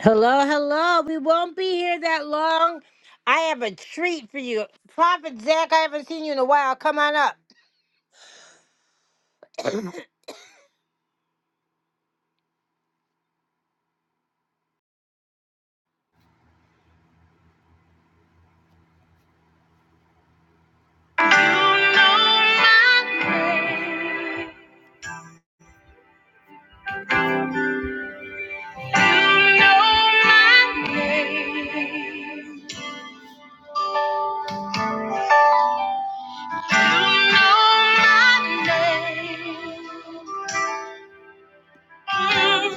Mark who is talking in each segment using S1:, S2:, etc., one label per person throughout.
S1: Hello, hello. We won't be here that long. I have a treat for you. Prophet Zach, I haven't seen you in a while. Come on up. You know my name. You know my name. You know my name. Mm.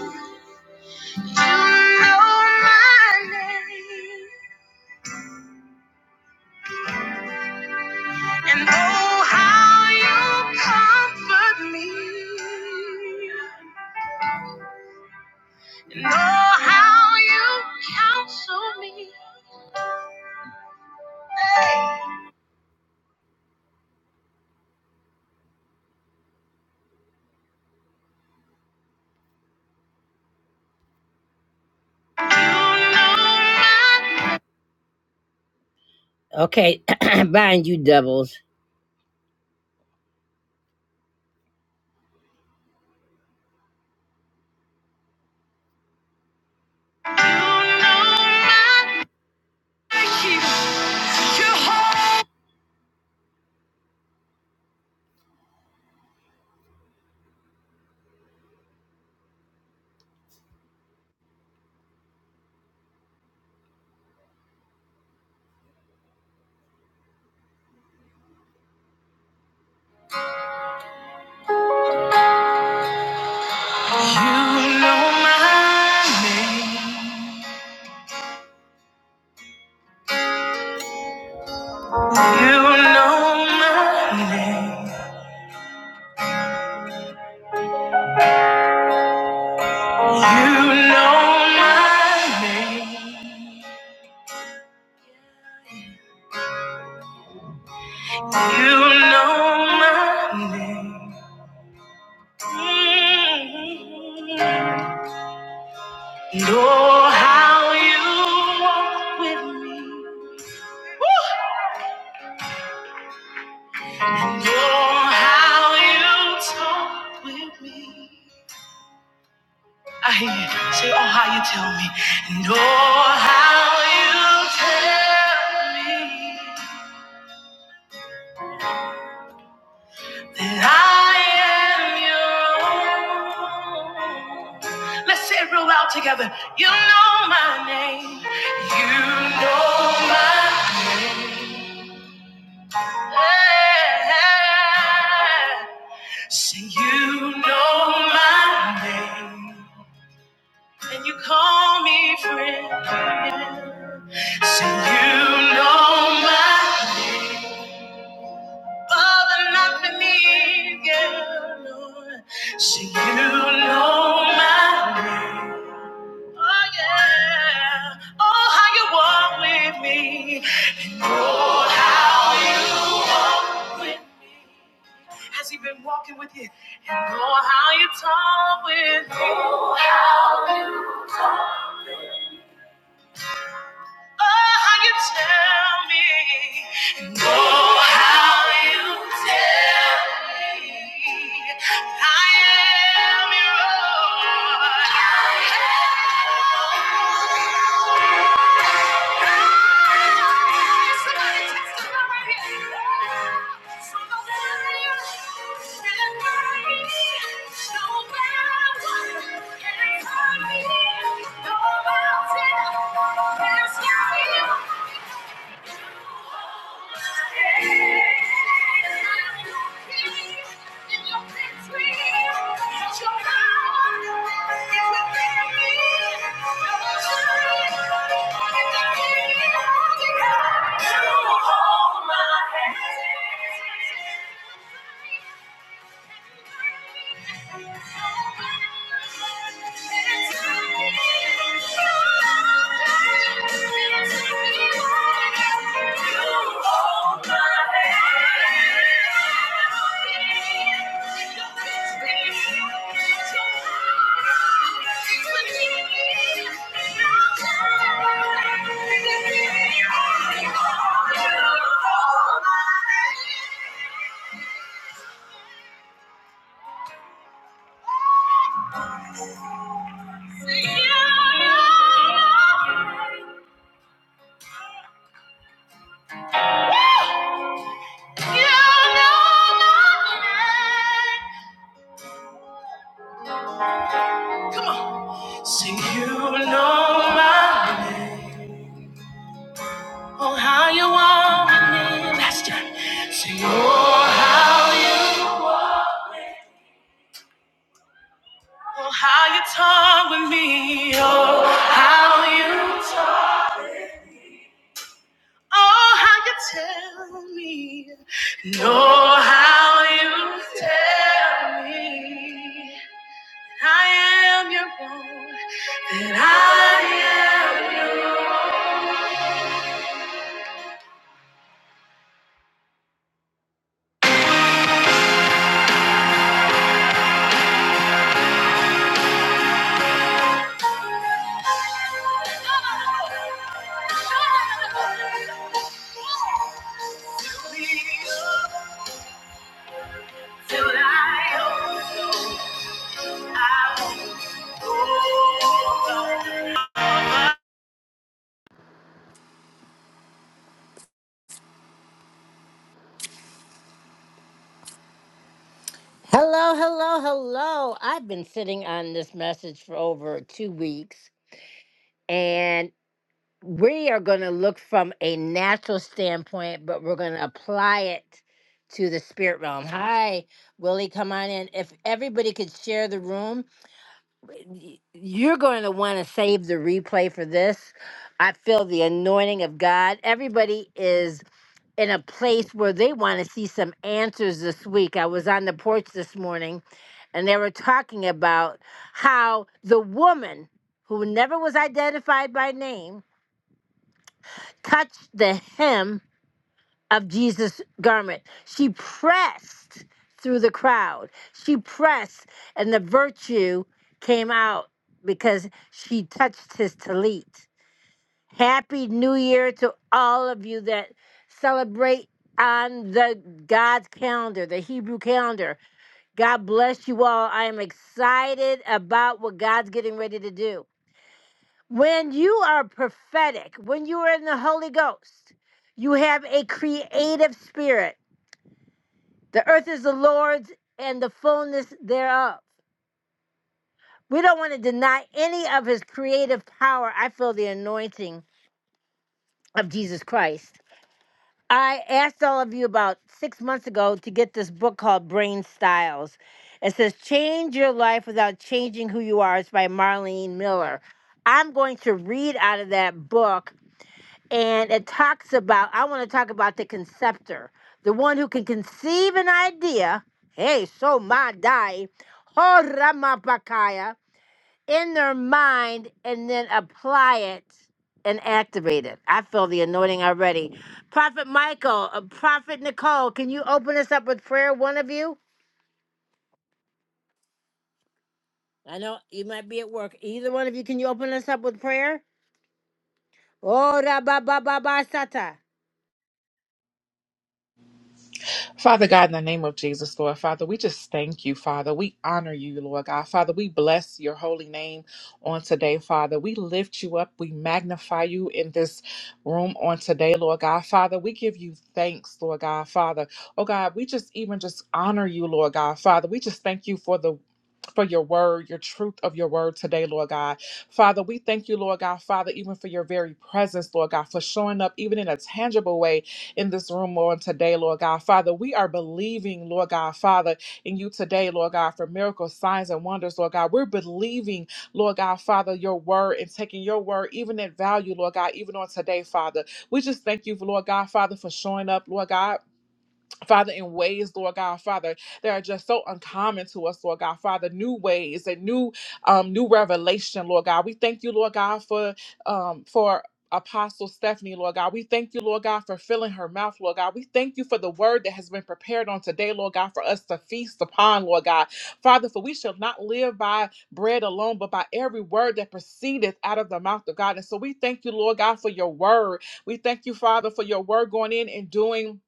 S1: And oh, how you comfort me. And oh, how you counsel me. You know my- Okay, bind you doubles. You know my- you. You know my- You know my- You know my- Know how you walk with me. Woo! Know how you talk with me. I hear you. Say, oh, how you tell me. Know how you tell me that I am your own. Let's say it real loud together. You know my name. You know my name. Say you know my name and you call me friend. Say you know my other not beneath yeah, Lord. Say you know my name. Oh yeah. Oh how you walk with me and oh how you. with Has he been walking with you? And know how you talk with me. Know how you talk. Oh, how you tell me. And know how you tell me. I am your own. I am your own. Thank you. You hold my hand. Thank you. Sing you know my name. Oh, how you want me name. Last time. Sing oh, how you. Oh, how you talk with me. Oh, how you talk. Oh, how you tell me. No, how you tell me. I am your own, and I am your own. Till I overflow, I will Hello, hello, hello. I've been sitting on this message for over two weeks. and. we are going to look from a natural standpoint, but we're going to apply it to the spirit realm. Hi, Willie, come on in. If everybody could share the room, y- you're going to want to save the replay for this. I feel the anointing of God. Everybody is in a place where they want to see some answers this week. I was on the porch this morning and they were talking about how the woman who never was identified by name touched the hem of Jesus' garment. She pressed through the crowd. She pressed, and the virtue came out because she touched his talit. Happy New Year to all of you that celebrate on the God's calendar, the Hebrew calendar. God bless you all. I am excited about what God's getting ready to do. When you are prophetic, when you are in the Holy Ghost, you have a creative spirit. The earth is the Lord's and the fullness thereof. We don't want to deny any of his creative power. I feel the anointing of Jesus Christ. I asked all of you about six months ago to get this book called Brain Styles. It says, Change Your Life Without Changing Who You Are. It's by Marlene Miller. I'm going to read out of that book and it talks about i want to talk about the conceptor the one who can conceive an idea hey so my die horamapakaya in their mind and then apply it and activate it i feel the anointing already prophet michael uh, prophet nicole can you open us up with prayer one of you i know you might be at work either one of you can you open us up with prayer oh rabba sata
S2: Father God, in the name of Jesus, Lord Father, we just thank you, Father. We honor you, Lord God. Father, we bless your holy name on today, Father. We lift you up. We magnify you in this room on today, Lord God. Father, we give you thanks, Lord God, Father. Oh God, we just even just honor you, Lord God, Father. We just thank you for the for your word, your truth of your word today, Lord God. Father, we thank you, Lord God, Father, even for your very presence, Lord God, for showing up even in a tangible way in this room, Lord, today, Lord God. Father, we are believing, Lord God, Father, in you today, Lord God, for miracles, signs, and wonders, Lord God. We're believing, Lord God, Father, your word and taking your word even at value, Lord God, even on today, Father. We just thank you, Lord God, Father, for showing up, Lord God. Father, in ways, Lord God, Father, that are just so uncommon to us, Lord God, Father, new ways and new, um, new revelation, Lord God. We thank you, Lord God, for, um, for. Apostle Stephanie, Lord God, we thank you, Lord God, for filling her mouth, Lord God. We thank you for the word that has been prepared on today, Lord God, for us to feast upon, Lord God. Father, for we shall not live by bread alone, but by every word that proceedeth out of the mouth of God. And so we thank you, Lord God, for your word. We thank you, Father, for your word going in and doing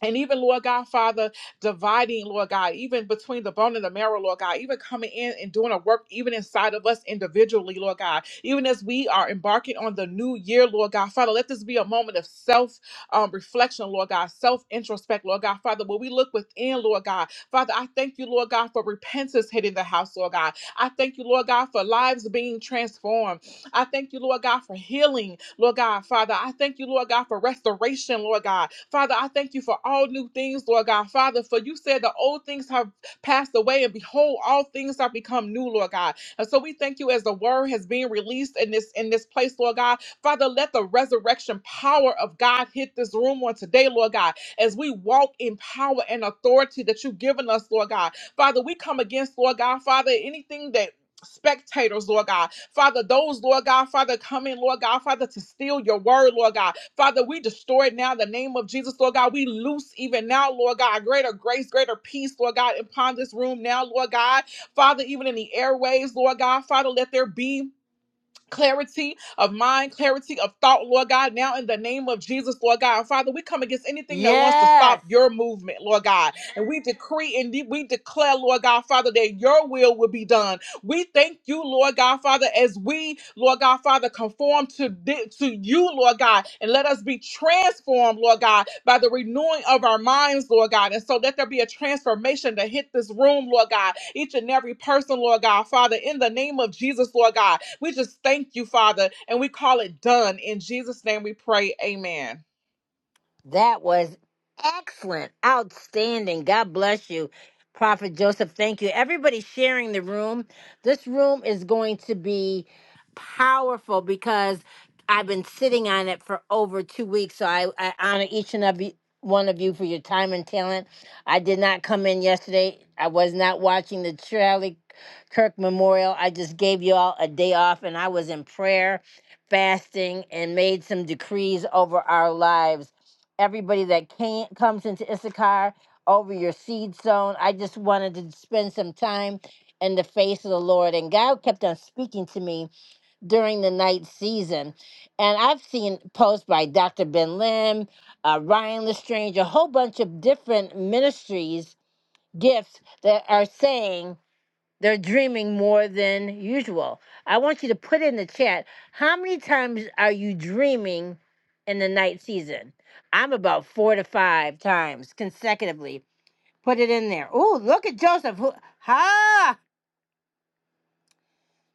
S2: and even, Lord God, Father, dividing, Lord God, even between the bone and the marrow, Lord God, even coming in and doing a work even inside of us individually, Lord God, even as we are embarking on the new year, Lord God, Father, let this be a moment of self um, reflection, Lord God, self introspect, Lord God, Father, when we look within, Lord God, Father, I thank you, Lord God, for repentance hitting the house, Lord God. I thank you, Lord God, for lives being transformed. I thank you, Lord God, for healing, Lord God. Father, I thank you, Lord God, for restoration, Lord God. Father, I thank you for all new things, Lord God. Father, for you said the old things have passed away, and behold, all things have become new, Lord God. And so we thank you as the word has been released in this in this place, Lord God. Father, let the resurrection power of God hit this room on today, Lord God, as we walk in power and authority that you've given us, Lord God. Father, we come against, Lord God, Father, anything that spectators, Lord God. Father, those, Lord God, Father, coming, Lord God, Father, to steal your word, Lord God. Father, we destroy it now in the name of Jesus, Lord God. We loose even now, Lord God, greater grace, greater peace, Lord God, upon this room now, Lord God. Father, even in the airways, Lord God, Father, let there be. Clarity of mind, clarity of thought, Lord God. Now, in the name of Jesus, Lord God, Father, we come against anything that wants to stop
S1: yes
S2: your movement, Lord God. And we decree and de- we declare, Lord God, Father, that your will will be done we thank you, Lord God, Father, as we, Lord God, Father, conform to, thi- to you, Lord God, and let us be transformed, Lord God, by the renewing of our minds, Lord God. And so let there be a transformation to hit this room, Lord God, each and every person, Lord God, Father, in the name of Jesus, Lord God. We just thank you, Father, and we call it done. In Jesus' name we pray, amen.
S1: That was excellent. Outstanding. God bless you, Prophet Joseph. Thank you. Everybody sharing the room. This room is going to be powerful because I've been sitting on it for over two weeks. So I, I honor each and every one of you for your time and talent. I did not come in yesterday. I was not watching the Charlie Kirk Memorial. I just gave you all a day off and I was in prayer, fasting, and made some decrees over our lives everybody that can comes into Issachar over your seed sown. I just wanted to spend some time in the face of the Lord. And God kept on speaking to me during the night season. And I've seen posts by Dr. Ben Lim, uh, Ryan Lestrange, a whole bunch of different ministries, gifts that are saying they're dreaming more than usual. I want you to put in the chat how many times are you dreaming in the night season? I'm about four to five times consecutively. Put it in there. Oh, look at Joseph. Who, ha!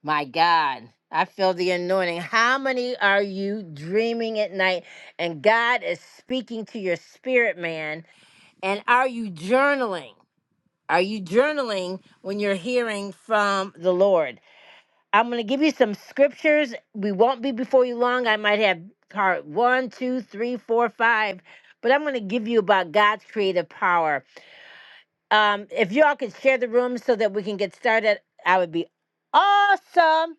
S1: My God, I feel the anointing. How many are you dreaming at night? And God is speaking to your spirit, man. And are you journaling? Are you journaling when you're hearing from the Lord? I'm going to give you some scriptures. We won't be before you long. I might have part one, two, three, four, five, but I'm going to give you about God's creative power. Um, if y'all could share the room so that we can get started, I would be awesome.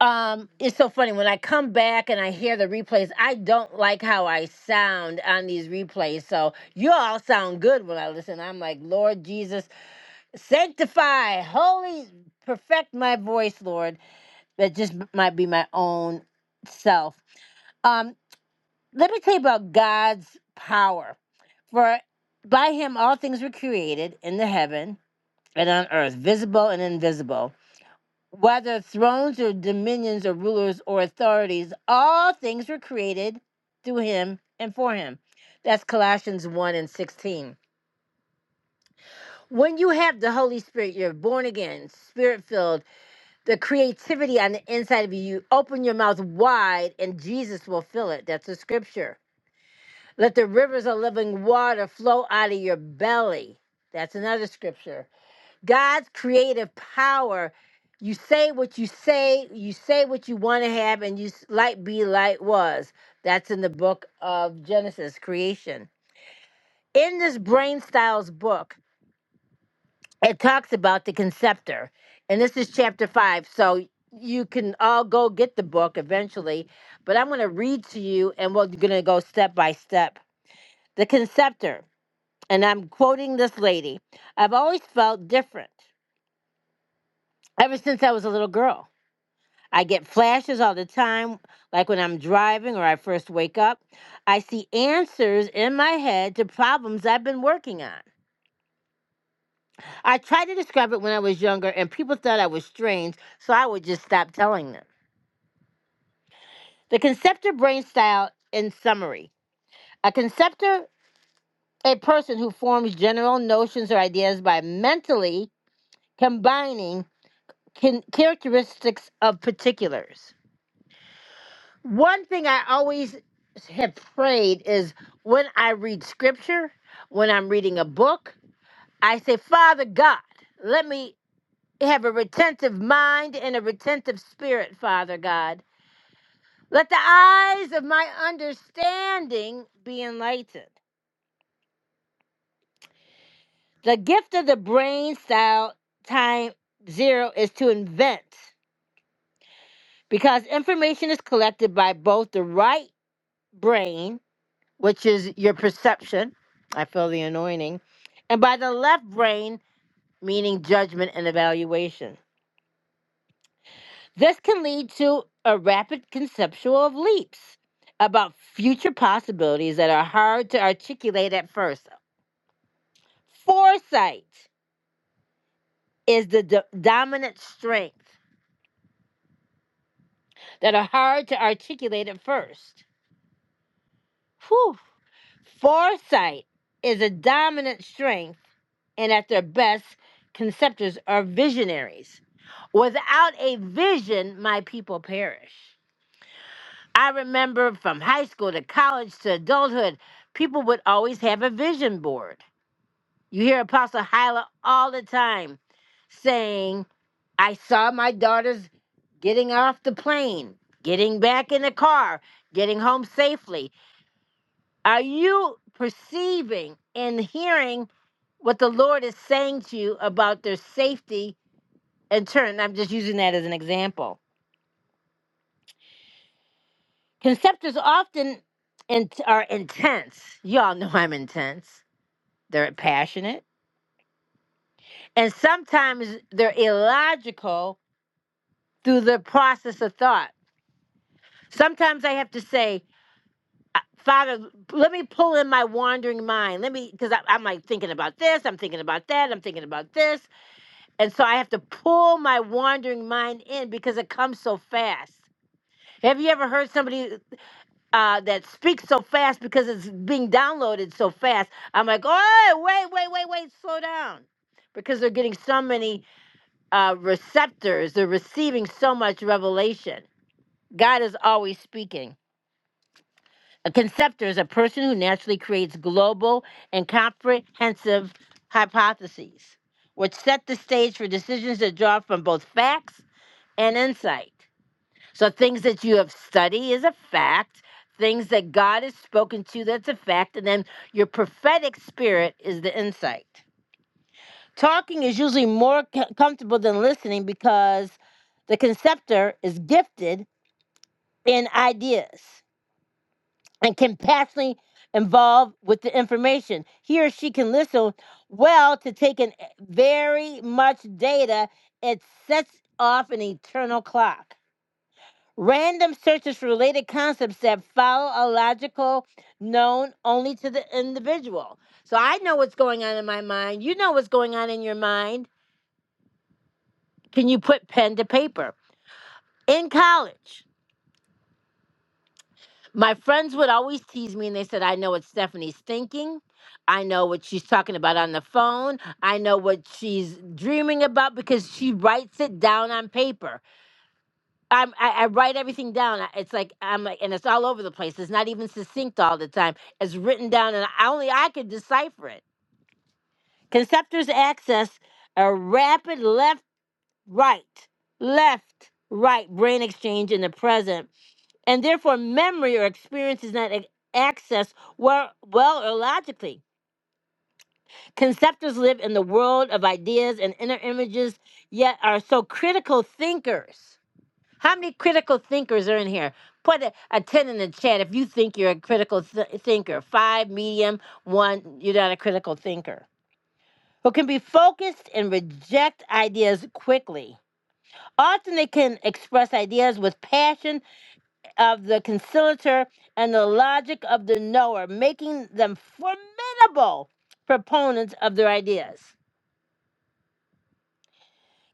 S1: Um, it's so funny when I come back and I hear the replays. I don't like how I sound on these replays. So you all sound good when I listen. I'm like, Lord Jesus, sanctify, holy, perfect my voice, Lord. that just m- might be my own self. Um, let me tell you about God's power. For by him all things were created in the heaven and on earth, visible and invisible. Whether thrones or dominions or rulers or authorities, all things were created through him and for him. That's Colossians 1 and 16. When you have the Holy Spirit, you're born again, spirit filled, the creativity on the inside of you. You open your mouth wide and Jesus will fill it. That's the scripture. Let the rivers of living water flow out of your belly. That's another scripture. God's creative power. You say what you say, you say what you want to have, and you s- light be light was. That's in the book of Genesis, creation. In this brain styles book, it talks about the conceptor and this is chapter five so you can all go get the book eventually but i'm going to read to you and we're going to go step by step the conceptor and i'm quoting this lady i've always felt different ever since i was a little girl i get flashes all the time like when i'm driving or i first wake up i see answers in my head to problems i've been working on I tried to describe it when I was younger, and people thought I was strange, so I would just stop telling them. The conceptor brain style, in summary a conceptor, a person who forms general notions or ideas by mentally combining can- characteristics of particulars. One thing I always have prayed is when I read scripture, when I'm reading a book, I say, Father God, let me have a retentive mind and a retentive spirit, Father God Let the eyes of my understanding be enlightened. The gift of the brain style time zero is to invent because information is collected by both the right brain, which is your perception. I feel the anointing. And by the left brain, meaning judgment and evaluation. This can lead to a rapid conceptual of leaps about future possibilities that are hard to articulate at first. Foresight is the do- dominant strength that are hard to articulate at first. Whew. Foresight is a dominant strength, and at their best, conceptors are visionaries. Without a vision, my people perish. I remember from high school to college to adulthood, people would always have a vision board. You hear Apostle Hyla all the time saying, I saw my daughters getting off the plane, getting back in the car, getting home safely. Are you perceiving and hearing what the Lord is saying to you about their safety and turn? I'm just using that as an example. Conceptors often in- are intense. Y'all know I'm intense. They're passionate. And sometimes they're illogical through the process of thought. Sometimes I have to say, uh, Father, let me pull in my wandering mind. Let me, because I'm like thinking about this, I'm thinking about that, I'm thinking about this. And so I have to pull my wandering mind in because it comes so fast. Have you ever heard somebody uh, that speaks so fast because it's being downloaded so fast? I'm like, oh, wait, wait, wait, wait, slow down. Because they're getting so many uh, receptors, they're receiving so much revelation. God is always speaking. A conceptor is a person who naturally creates global and comprehensive hypotheses, which set the stage for decisions that draw from both facts and insight. So, things that you have studied is a fact, things that God has spoken to, that's a fact, and then your prophetic spirit is the insight. Talking is usually more co- comfortable than listening because the conceptor is gifted in ideas. and can passionately involve with the information. He or she can listen well to take in eh, very much data. It sets off an eternal clock. Random searches for related concepts that follow a logical known only to the individual. So I know what's going on in my mind. You know what's going on in your mind. Can you put pen to paper? In college, My friends would always tease me and they said, I know what Stephanie's thinking. I know what she's talking about on the phone. I know what she's dreaming about because she writes it down on paper. I'm, I, I write everything down. I- It's like, I'm like, and it's all over the place. It's not even succinct all the time. It's written down and I, only I could decipher it. Conceptors access a rapid left, right, left, right brain exchange in the present and therefore memory or experience is not ac- accessed well, well or logically. Conceptors live in the world of ideas and inner images, yet are so critical thinkers. How many critical thinkers are in here? Put a, a 10 in the chat if you think you're a critical th- thinker. Five, medium, one, you're not a critical thinker. Who can be focused and reject ideas quickly. Often they can express ideas with passion of the conciliator and the logic of the knower, making them formidable proponents of their ideas.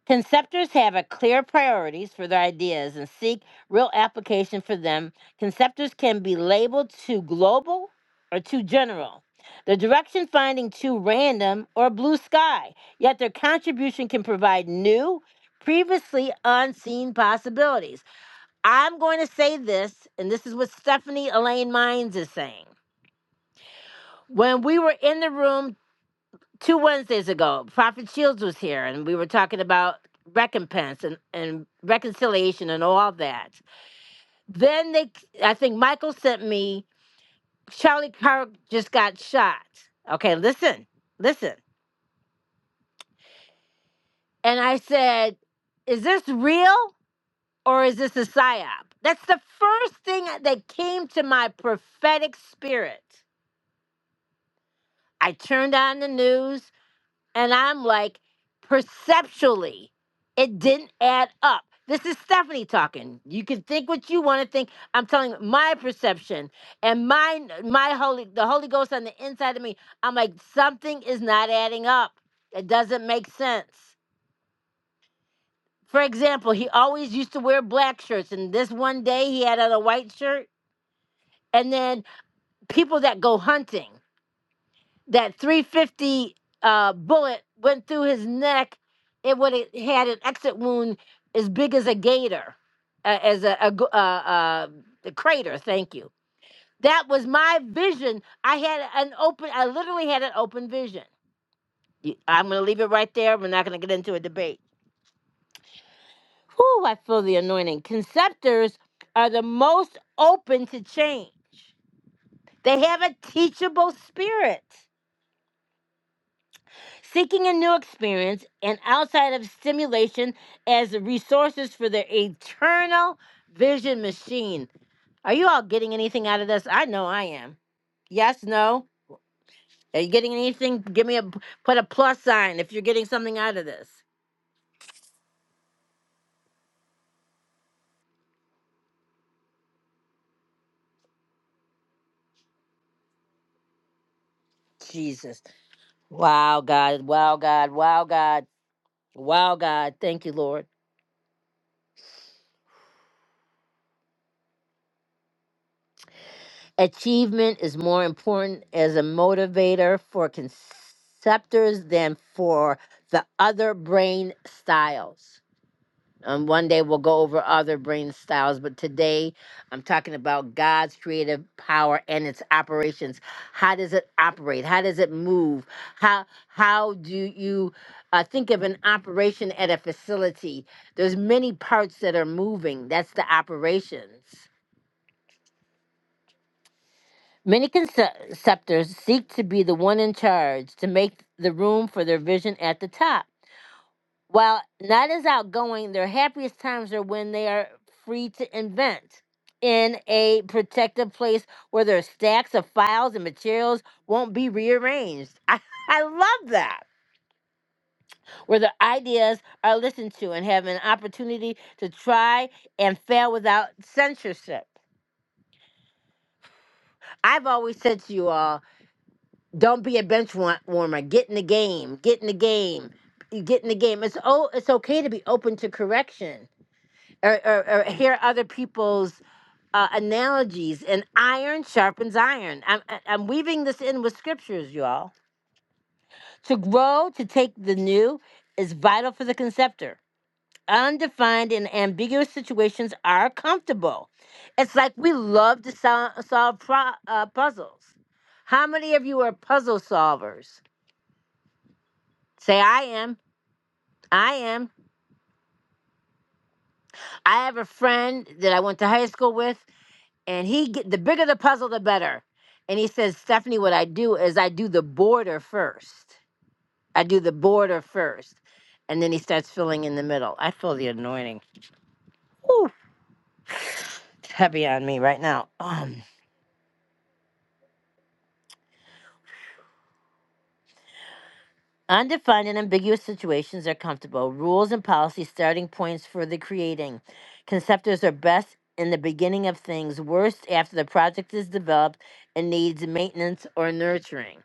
S1: Conceptors have a clear priorities for their ideas and seek real application for them. Conceptors can be labeled too global or too general. The direction finding too random or blue sky, yet their contribution can provide new, previously unseen possibilities. I'm going to say this, and this is what Stephanie Elaine Mines is saying. When we were in the room two Wednesdays ago, Prophet Shields was here, and we were talking about recompense and, and reconciliation and all that. Then they, I think Michael sent me, Charlie Kirk just got shot. Okay, listen, listen. And I said, Is this real or is this a psyop? That's the first thing that came to my prophetic spirit I turned on the news and I'm like, perceptually, it didn't add up. This is Stephanie talking. You can think what you want to think. I'm telling you my perception and my my holy the Holy Ghost on the inside of me. I'm like something is not adding up. It doesn't make sense. For example, he always used to wear black shirts and this one day he had on a white shirt and then people that go hunting. that 350 uh, bullet went through his neck. It would have had an exit wound as big as a gator, uh, as a, a, g- uh, uh, a crater. Thank you. That was my vision. I had an open. I literally had an open vision. You- I'm going to leave it right there. We're not going to get into a debate. Whew, I feel the anointing. Conceptors are the most open to change. They have a teachable spirit. seeking a new experience and outside of stimulation as resources for their eternal vision machine. Are you all getting anything out of this? I know I am. Yes, no. Are you getting anything? Give me a put a plus sign if you're getting something out of this. Jesus. Wow, God. Wow, God. Wow, God. Wow, God. Thank you, Lord. Achievement is more important as a motivator for conceptors than for the other brain styles. And one day we'll go over other brain styles, but today I'm talking about God's creative power and its operations. How does it operate? How does it move? How how do you uh, think of an operation at a facility? There's many parts that are moving. That's the operations. Many conceptors seek to be the one in charge to make the room for their vision at the top. While not as outgoing, their happiest times are when they are free to invent in a protected place where their stacks of files and materials won't be rearranged. I, I love that. Where their ideas are listened to and have an opportunity to try and fail without censorship. I've always said to you all Don't be a bench wa- warmer. Get in the game. Get in the game. You Get in the game. It's oh, it's okay to be open to correction or, or, or hear other people's uh, analogies. And iron sharpens iron. I'm I- I'm weaving this in with scriptures, y'all. To grow, to take the new, is vital for the conceptor. Undefined and ambiguous situations are comfortable. It's like we love to sol- solve pro- uh, puzzles. How many of you are puzzle solvers? Say, I am. I am. I have a friend that I went to high school with, and he get the bigger the puzzle, the better. And he says, Stephanie, what I do is I do the border first. I do the border first. And then he starts filling in the middle. I feel the anointing. Ooh, it's heavy on me right now. Um. Undefined and ambiguous situations are comfortable. Rules and policies, starting points for the creating. Conceptors are best in the beginning of things, worst after the project is developed and needs maintenance or nurturing.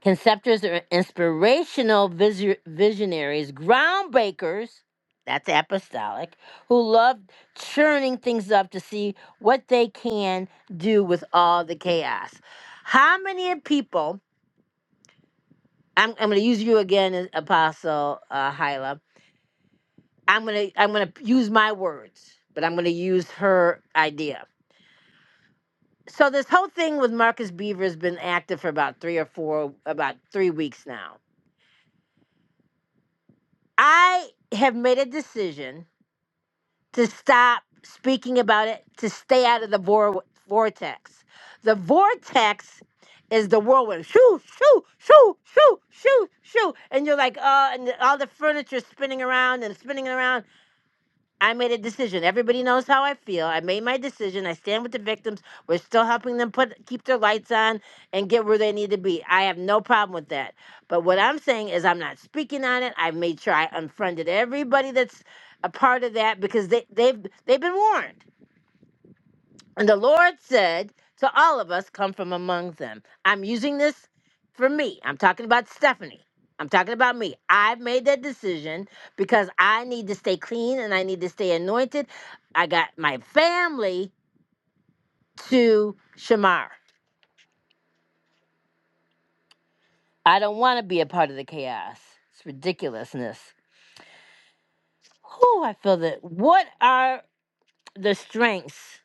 S1: Conceptors are inspirational visu- visionaries, groundbreakers, that's apostolic, who love churning things up to see what they can do with all the chaos. How many people I'm I'm going to use you again, Apostle uh, Hyla. I'm going to I'm going to use my words, but I'm going to use her idea. So this whole thing with Marcus Beaver has been active for about three or four, about three weeks now. I have made a decision to stop speaking about it, to stay out of the vor- vortex. The vortex is the whirlwind. Shoo, shoo, shoo, shoo, shoo, shoo. And you're like, uh, and all the furniture spinning around and spinning around I made a decision. Everybody knows how I feel. I made my decision. I stand with the victims. We're still helping them put keep their lights on and get where they need to be. I have no problem with that. But what I'm saying is I'm not speaking on it. I made sure I unfriended everybody that's a part of that because they they've they've been warned. And the Lord said to all of us, Come from among them. I'm using this for me. I'm talking about Stephanie. I'm talking about me. I've made that decision because I need to stay clean and I need to stay anointed. I got my family to Shamar. I don't want to be a part of the chaos. It's ridiculousness. Whew, I feel that. What are the strengths?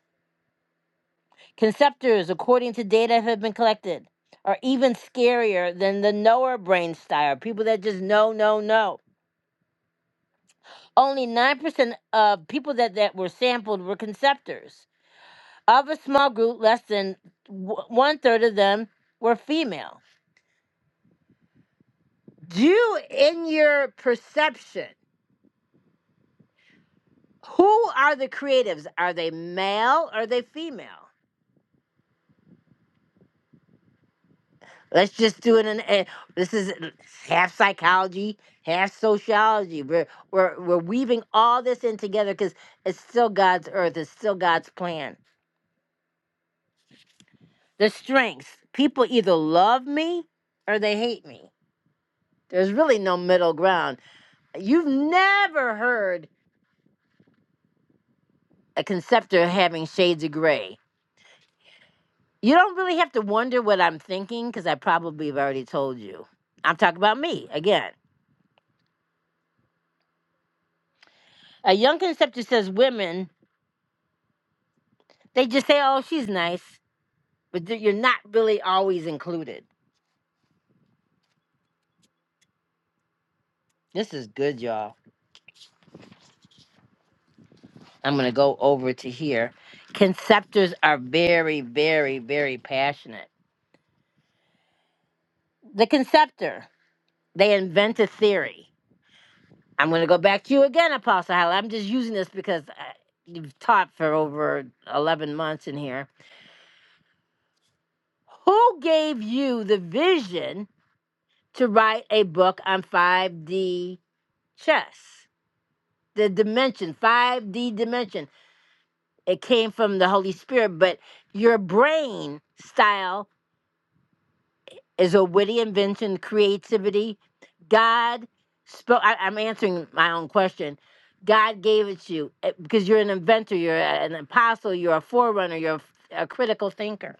S1: Conceptors, according to data have been collected, are even scarier than the knower brain style, people that just know, know, know. Only 9% of people that, that were sampled were conceptors. Of a small group, less than w- one third of them were female. Do in your perception, who are the creatives? Are they male? Are they female? Let's just do it in. eh, This is half psychology, half sociology. We're we're we're weaving all this in together because it's still God's earth. It's still God's plan. The strengths. People either love me or they hate me. There's really no middle ground. You've never heard a conceptor having shades of gray. You don't really have to wonder what I'm thinking because I probably have already told you. I'm talking about me again. A young conceptor says women they just say, "Oh, she's nice." but th- you're not really always included. This is good, y'all. I'm gonna go over to here. Conceptors are very, very, very passionate. The conceptor, they invent a theory. I'm gonna go back to you again, Apostle Halley. I'm just using this because I, you've taught for over 11 months in here. Who gave you the vision to write a book on 5D chess? The dimension, 5D dimension. it came from the Holy Spirit, but your brain style is a witty invention, creativity. God spoke. I, I'm answering my own question. God gave it to you eh, because you're an inventor, you're a- an apostle, you're a forerunner, you're a, f- a critical thinker.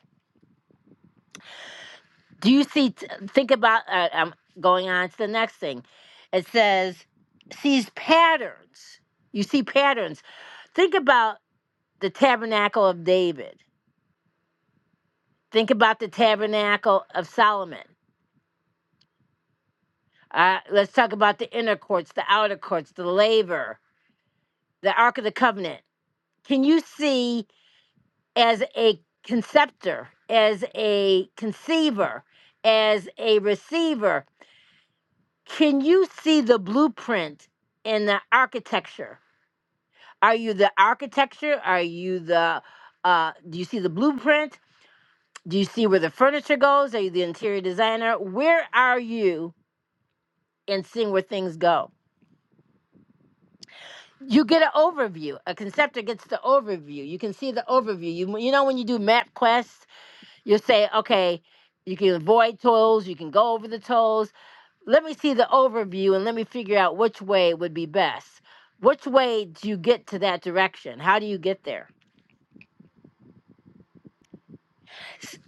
S1: Do you see? t- Think about uh, um, going on to the next thing. It says, sees patterns. You see patterns. Think about the tabernacle of David Think about the tabernacle of Solomon. Uh, let's talk about the inner courts, the outer courts, the labor, the Ark of the Covenant. Can you see as a conceptor, as a conceiver, as a receiver, can you see the blueprint in the architecture? Are you the architecture? Are you the, uh, do you see the blueprint? Do you see where the furniture goes? Are you the interior designer? Where are you in seeing where things go? you get an overview. A conceptor gets the overview. You can see the overview. You you know when you do map quests, you say, okay, you can avoid tolls, you can go over the tolls. Let me see the overview and let me figure out which way would be best. Which way do you get to that direction? How do you get there? S-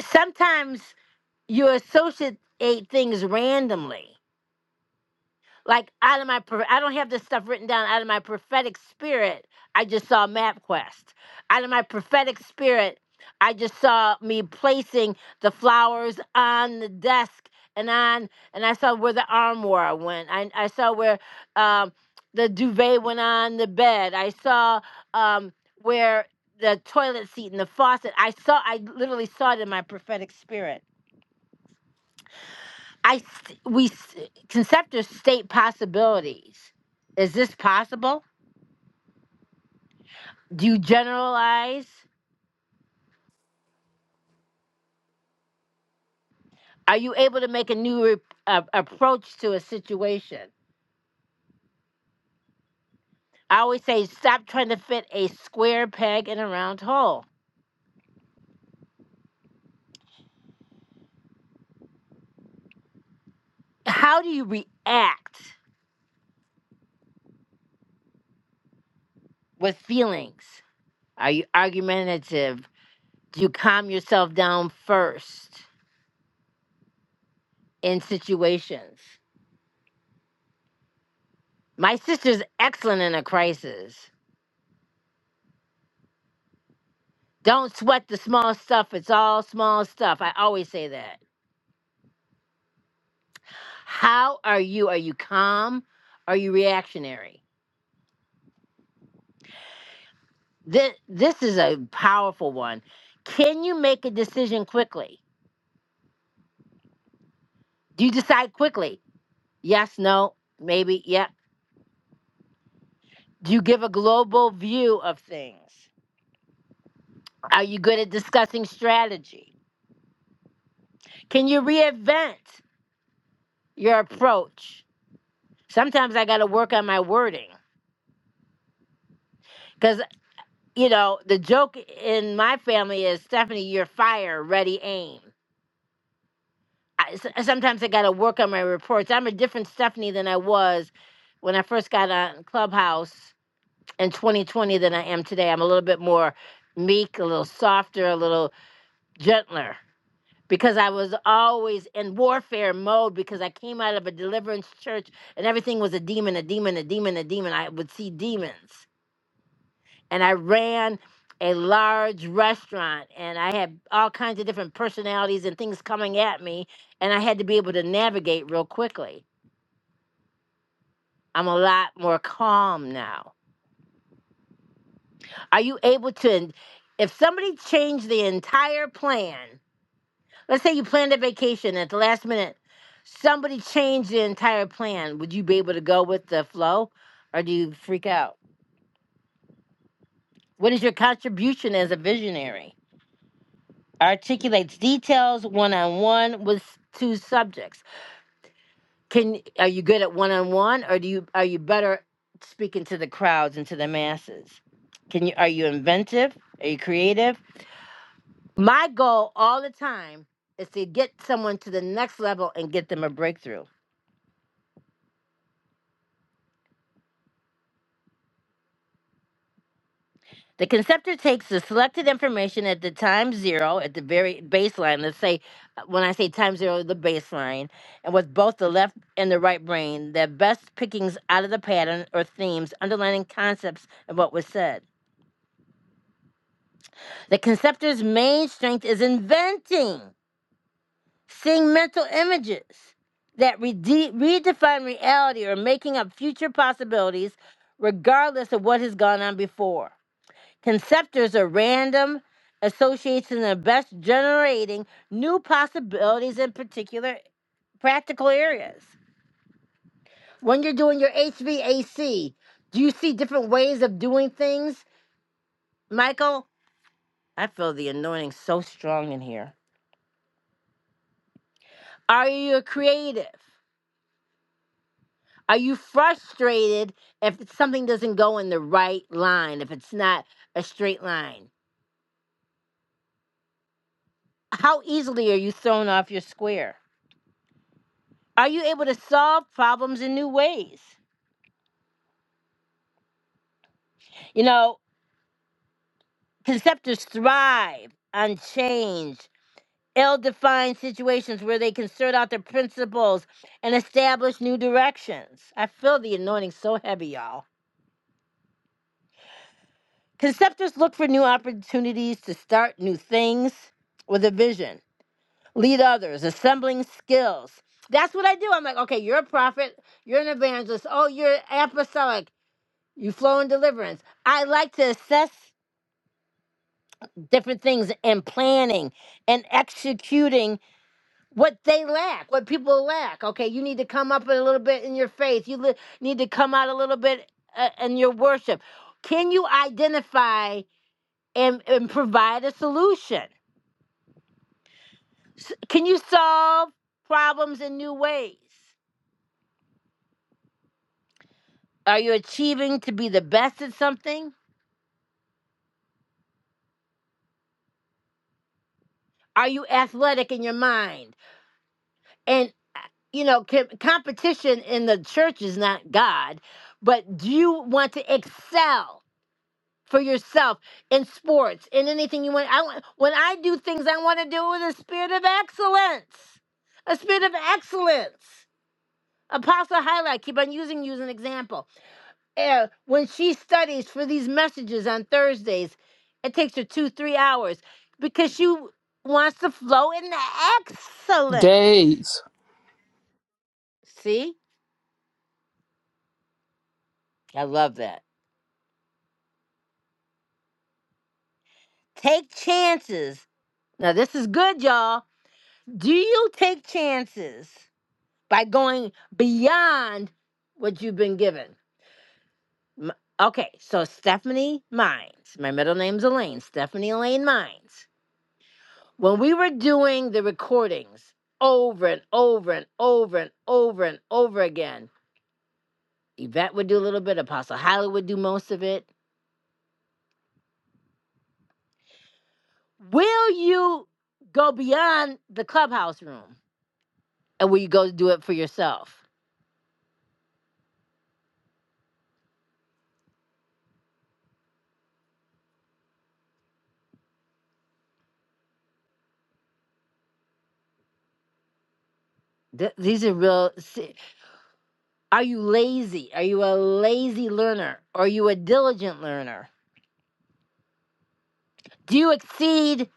S1: sometimes you associate things randomly. Like out of my, pro- I don't have this stuff written down. Out of my prophetic spirit, I just saw MapQuest. Out of my prophetic spirit, I just saw me placing the flowers on the desk and on, and I saw where the armoire went. I, I saw where um, the duvet went on the bed. I saw um, where the toilet seat and the faucet. I saw, I literally saw it in my prophetic spirit I s- we s- conceptors state possibilities. Is this possible? Do you generalize? Are you able to make a new re- uh, approach to a situation? I always say, stop trying to fit a square peg in a round hole. How do you react with feelings? Are you argumentative? Do you calm yourself down first in situations? My sister's excellent in a crisis. Don't sweat the small stuff. It's all small stuff. I always say that. How are you? Are you calm? Are you reactionary? This, this is a powerful one. Can you make a decision quickly? Do you decide quickly? Yes, no, maybe, yep. Do you give a global view of things? Are you good at discussing strategy? Can you reinvent your approach? Sometimes I got to work on my wording because. you know, the joke in my family is Stephanie, you're fire, ready, aim. I s sometimes I got to work on my reports. I'm a different Stephanie than I was when I first got on Clubhouse in 2020 than I am today. I'm a little bit more meek, a little softer, a little gentler because I was always in warfare mode because I came out of a deliverance church and everything was a demon, a demon, a demon, a demon. I would see demons. and I ran a large restaurant and I had all kinds of different personalities and things coming at me and I had to be able to navigate real quickly. I'm a lot more calm now. Are you able to if somebody changed the entire plan, let's say you planned a vacation at the last minute, somebody changed the entire plan, would you be able to go with the flow or do you freak out? What is your contribution as a visionary? articulates details one-on-one with two subjects can are you good at one-on-one or do you are you better speaking to the crowds and to the masses can you are you inventive are you creative my goal all the time is to get someone to the next level and get them a breakthrough The conceptor takes the selected information at the time zero, at the very baseline. Let's say, uh, when I say time zero, the baseline, and with both the left and the right brain, their best pickings out of the pattern or themes underlining concepts of what was said. The conceptor's main strength is inventing, seeing mental images that rede- redefine reality or making up future possibilities, regardless of what has gone on before. Conceptors are random associations that are best generating new possibilities in particular practical areas. When you're doing your HVAC, do you see different ways of doing things? Michael, I feel the anointing so strong in here. Are you creative? Are you frustrated if something doesn't go in the right line, if it's not a straight line? How easily are you thrown off your square? Are you able to solve problems in new ways? You know, conceptors thrive on change, ill defined situations where they can sort out their principles and establish new directions. I feel the anointing so heavy, y'all. Conceptors look for new opportunities to start new things with a vision, lead others, assembling skills. That's what I do. I'm like, okay, you're a prophet, you're an evangelist, oh, you're apostolic, you flow in deliverance. I like to assess different things and planning and executing what they lack, what people lack. Okay, you need to come up a little bit in your faith. You li- need to come out a little bit uh, in your worship. Can you identify and, and provide a solution? S- Can you solve problems in new ways? Are you achieving to be the best at something? Are you athletic in your mind? And uh, you know, com- competition in the church is not God, but do you want to excel? for yourself in sports in anything you want. I want- when I do things, I want to do it with a spirit of excellence, a spirit of excellence. Apostle Highlight, keep on using you as an example. Uh, when she studies for these messages on Thursdays, it takes her two, three hours because she wants to flow in the excellence.
S3: Days.
S1: See, I love that. Take chances. Now, this is good, y'all. Do you take chances? by going beyond what you've been given. M- Okay, so Stephanie Mines, my middle name's Elaine, Stephanie Elaine Mines. When we were doing the recordings over and over and over and over and over again, Yvette would do a little bit, Apostle Holly would do most of it. Will you go beyond the clubhouse room? And will you go do it for yourself? Th- these are real. se- Are you lazy? Are you a lazy learner? Are you a diligent learner? Do you exceed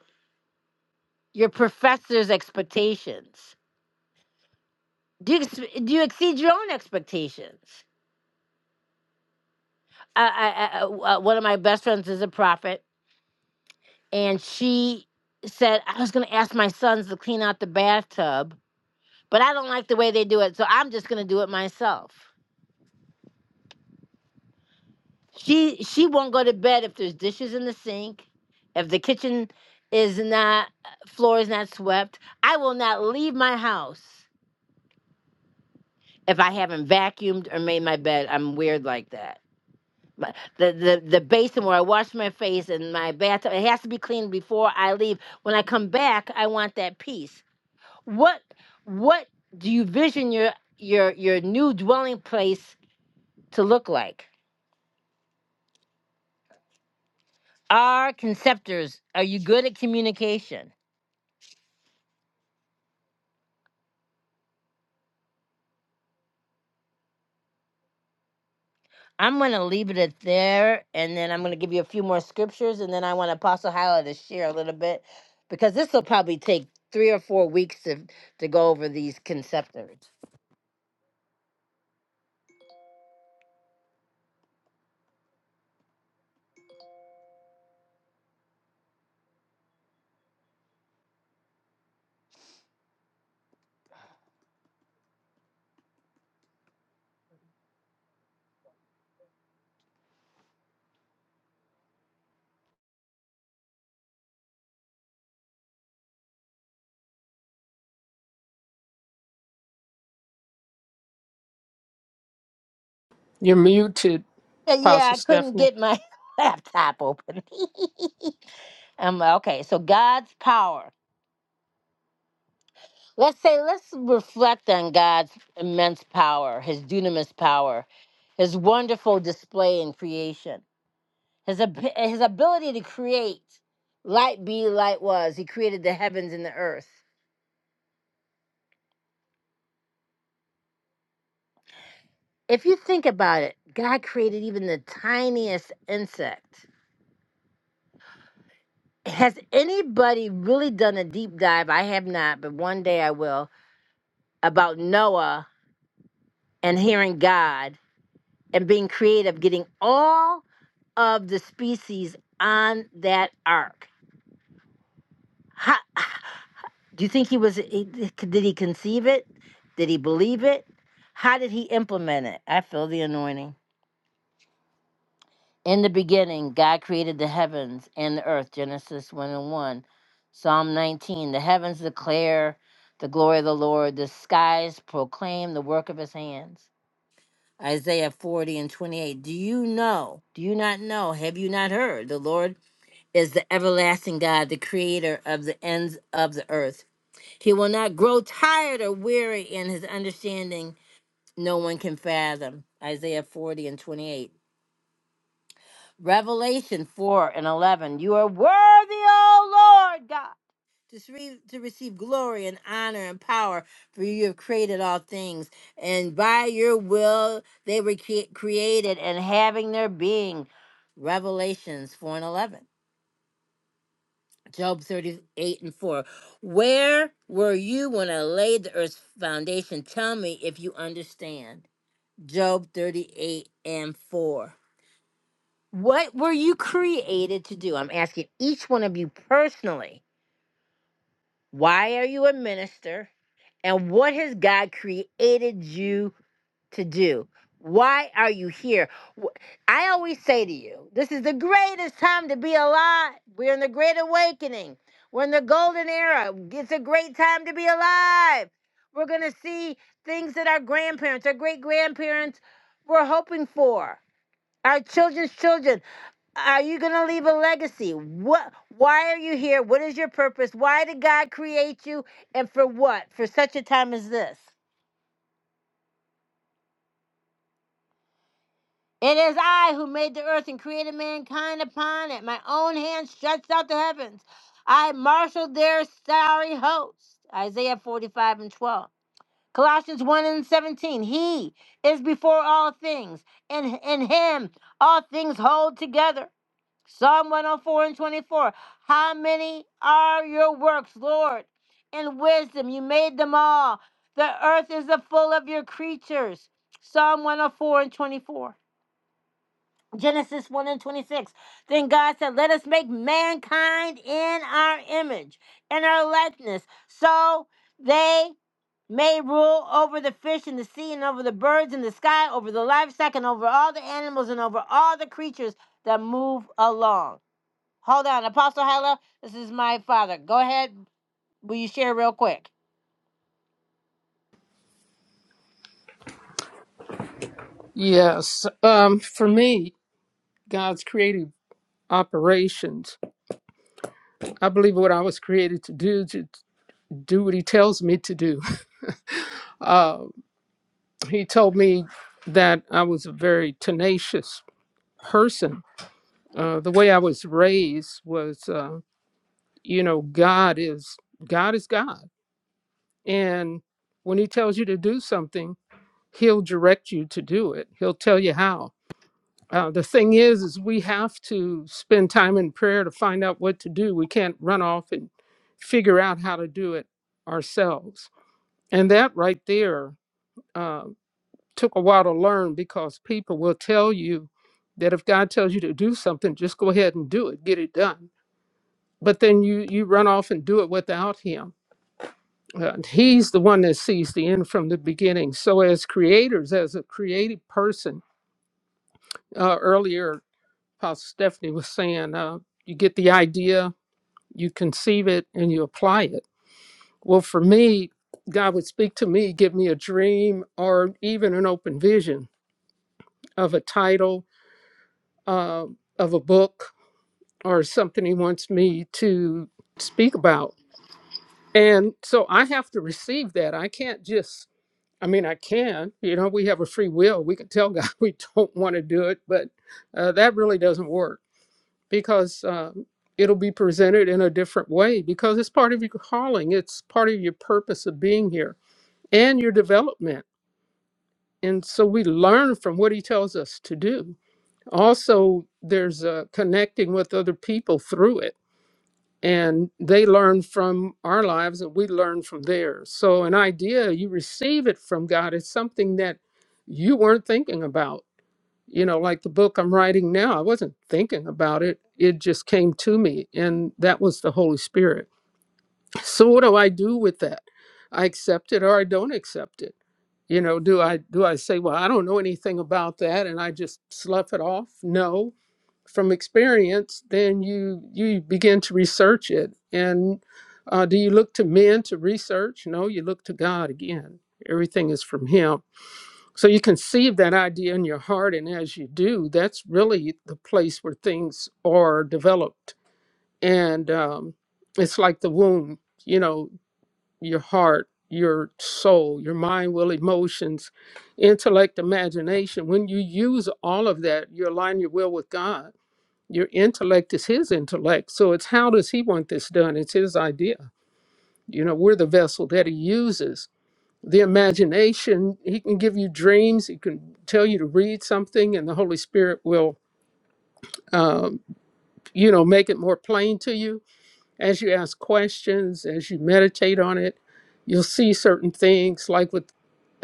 S1: your professor's expectations? Do you, do you exceed your own expectations? I, I, I, uh, one of my best friends is a prophet, and she said, I was going to ask my sons to clean out the bathtub, but I don't like the way they do it, so I'm just going to do it myself. She she won't go to bed if there's dishes in the sink, if the kitchen is not floor is not swept. I will not leave my house if I haven't vacuumed or made my bed. I'm weird like that. My, the, the the basin where I wash my face and my bathtub it has to be cleaned before I leave. When I come back, I want that peace. What what do you vision your your your new dwelling place to look like? Our conceptors, are you good at communication? I'm going to leave it at there, and then I'm going to give you a few more scriptures, and then I want Apostle Hyla to share a little bit because this will probably take three or four weeks to, to go over these conceptors.
S3: You're muted,
S1: Uh, Yeah,
S3: Apostle
S1: I couldn't
S3: Stephanie.
S1: get my laptop open. um, okay, so God's power. Let's say, let's reflect on God's immense power, his dunamis power, his wonderful display in creation. His, ab- his ability to create light be light was. He created the heavens and the earth. If you think about it, God created even the tiniest insect. Has anybody really done a deep dive? I have not, but one day I will about Noah and hearing God and being creative, getting all of the species on that ark. Ha Do you think he was, he- did he conceive it? Did he believe it? How did he implement it? I feel the anointing. In the beginning, God created the heavens and the earth, Genesis 1 and 1. Psalm 19, the heavens declare the glory of the Lord, the skies proclaim the work of his hands. Isaiah 40 and 28. Do you know? Do you not know? Have you not heard? The Lord is the everlasting God, the creator of the ends of the earth. He will not grow tired or weary in his understanding, no one can fathom. Isaiah 40 and 28. Revelation 4 and 11. You are worthy, O Lord God, to, re- to receive glory and honor and power, for you have created all things. And by your will they were cre- created and having their being. Revelations 4 and 11. Job 38 and 4. Where were you when I laid the earth's foundation? Tell me if you understand. Job 38 and 4. What were you created to do? I'm asking each one of you personally. Why are you a minister? And what has God created you to do? Why are you here? Wh- I always say to you, this is the greatest time to be alive. We're in the great awakening. We're in the golden era. It's a great time to be alive. We're going to see things that our grandparents, our great grandparents were hoping for. Our children's children. Are you going to leave a legacy? What why are you here? What is your purpose? Why did God create you and for what? For such a time as this. It is I who made the earth and created mankind upon it. My own hand stretched out the heavens. I marshaled their starry hosts. Isaiah 45 and 12. Colossians 1 and 17. He is before all things, and in him all things hold together. Psalm 104 and 24. How many are your works, Lord? In wisdom you made them all. The earth is the full of your creatures. Psalm 104 and 24. Genesis 1 and 26. Then God said, Let us make mankind in our image in our likeness, so they may rule over the fish in the sea and over the birds in the sky, over the livestock and over all the animals and over all the creatures that move along. Hold on, Apostle Hella, this is my father. Go ahead. Will you share real quick?
S3: Yes. Um, for me, God's creative operations. I believe what I was created to do, to do what He tells me to do. Uh, he told me that I was a very tenacious person. Uh, the way I was raised was, uh, you know, God is God is God, and when He tells you to do something, He'll direct you to do it. He'll tell you how Uh, the thing is, is we have to spend time in prayer to find out what to do. We can't run off and figure out how to do it ourselves. And that right there uh, took a while to learn because people will tell you that if God tells you to do something, just go ahead and do it, get it done. But then you you run off and do it without Him. Uh, he's the one that sees the end from the beginning. So as creators, as a creative person, uh, earlier Pastor Stephanie was saying, uh, you get the idea, you conceive it, and you apply it. Well, for me, God would speak to me, give me a dream or even an open vision of a title uh, of a book or something He wants me to speak about. And so I have to receive that. I can't just, I mean, I can, you know, we have a free will. We can tell God we don't want to do it, but uh, that really doesn't work because um, it'll be presented in a different way because it's part of your calling, it's part of your purpose of being here and your development. And so we learn from what he tells us to do. Also, there's uh, connecting with other people through it, and they learn from our lives and we learn from theirs. So, an idea, you receive it from God, it's something that you weren't thinking about you know, like the book I'm writing now, I wasn't thinking about it. It just came to me, and that was the Holy Spirit. So what do I do with that? I accept it or I don't accept it. You know, do I do I say, well, I don't know anything about that and I just slough it off? No. From experience, then you you begin to research it. And uh, do you look to men to research? No, you look to God again. Everything is from Him so you conceive that idea in your heart, and as you do, that's really the place where things are developed. And um, it's like the womb, you know, your heart, your soul, your mind, will, emotions, intellect, imagination. When you use all of that, you align your will with God. Your intellect is His intellect. So it's how does He want this done? It's His idea. You know, we're the vessel that He uses the imagination. He can give you dreams. He can tell you to read something, and the Holy Spirit will, um, you know, make it more plain to you as you ask questions, as you meditate on it. You'll see certain things, like with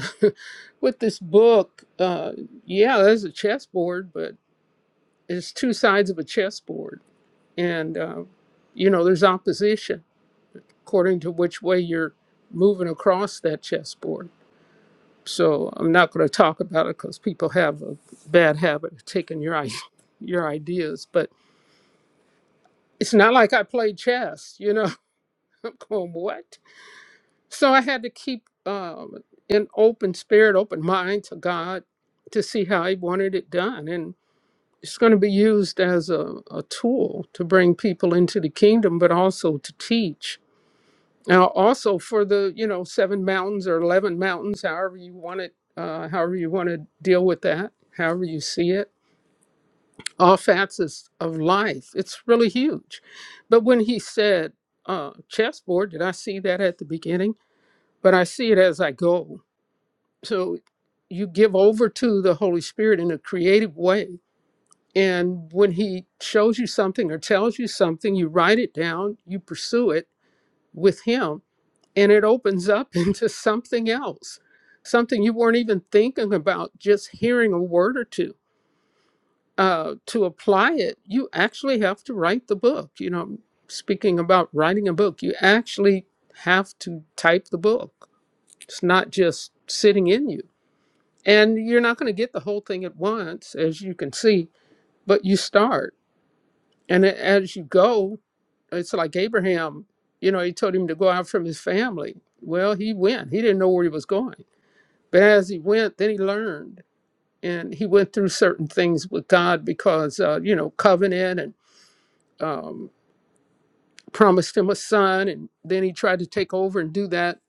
S3: with this book. Uh, yeah, there's a chessboard, but it's two sides of a chessboard, and uh, you know, there's opposition according to which way you're moving across that chessboard So I'm not going to talk about it because people have a bad habit of taking your i- your ideas. But it's not like I played chess, you know. I'm going what? So I had to keep um, an open spirit, open mind to God to see how He wanted it done, and it's going to be used as a, a tool to bring people into the kingdom, but also to teach Now, also for the, you know, seven mountains or 11 mountains, however you want it, uh, however you want to deal with that, however you see it, all facets of life. It's really huge. But when he said uh, chessboard, did I see that at the beginning? But I see it as I go. So you give over to the Holy Spirit in a creative way. And when he shows you something or tells you something, you write it down, you pursue it with him and it opens up into something else, something you weren't even thinking about, just hearing a word or two. Uh, to apply it, you actually have to write the book. You know, speaking about writing a book, you actually have to type the book. It's not just sitting in you. And you're not going to get the whole thing at once, as you can see, but you start. And a- as you go, it's like Abraham, you know, he told him to go out from his family. Well, he went. He didn't know where he was going But as he went, then he learned, and he went through certain things with God because, uh, you know, covenant and um, promised him a son, and then he tried to take over and do that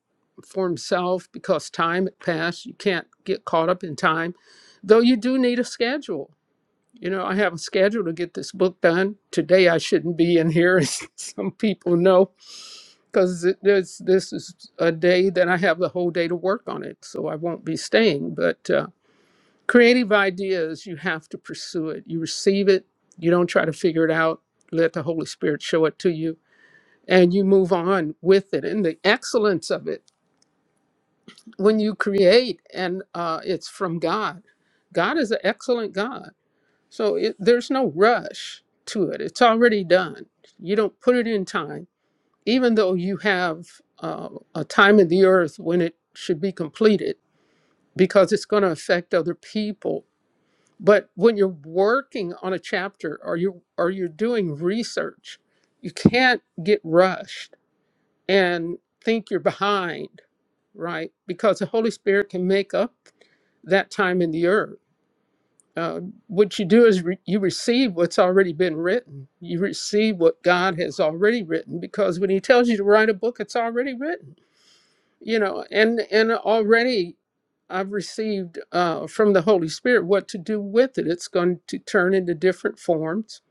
S3: for himself because time had passed. You can't get caught up in time, though you do need a schedule. You know, I have a schedule to get this book done. Today I shouldn't be in here, as some people know, because this this is a day that I have the whole day to work on it, so I won't be staying, but. Uh, Creative ideas, you have to pursue it. You receive it, you don't try to figure it out. Let the Holy Spirit show it to you, and you move on with it. And the excellence of it, when you create and uh, it's from God, God is an excellent God. So it, there's no rush to it, it's already done. You don't put it in time, even though you have uh, a time in the earth when it should be completed, because it's going to affect other people but when you're working on a chapter or you or you're doing research you can't get rushed and think you're behind right because the holy spirit can make up that time in the earth uh, what you do is re- you receive what's already been written you receive what god has already written because when he tells you to write a book it's already written you know and and already i've received uh, from the holy spirit what to do with it it's going to turn into different forms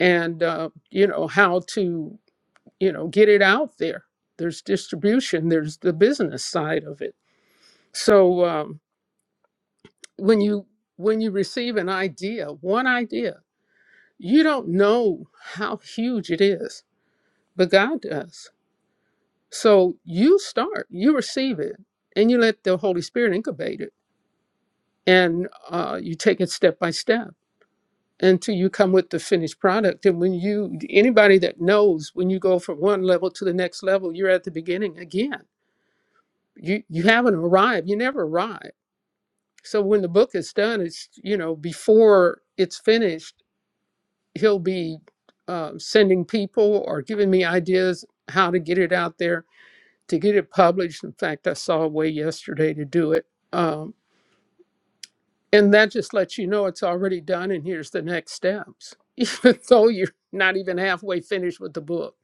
S3: and uh, you know how to you know get it out there there's distribution there's the business side of it so um, when you when you receive an idea one idea you don't know how huge it is but god does so you start you receive it and you let the holy spirit incubate it and uh, you take it step by step until you come with the finished product and when you anybody that knows when you go from one level to the next level you're at the beginning again you you haven't arrived you never arrive so when the book is done it's you know before it's finished he'll be uh, sending people or giving me ideas how to get it out there to get it published in fact i saw a way yesterday to do it Um, And that just lets you know it's already done and here's the next steps, even though you're not even halfway finished with the book.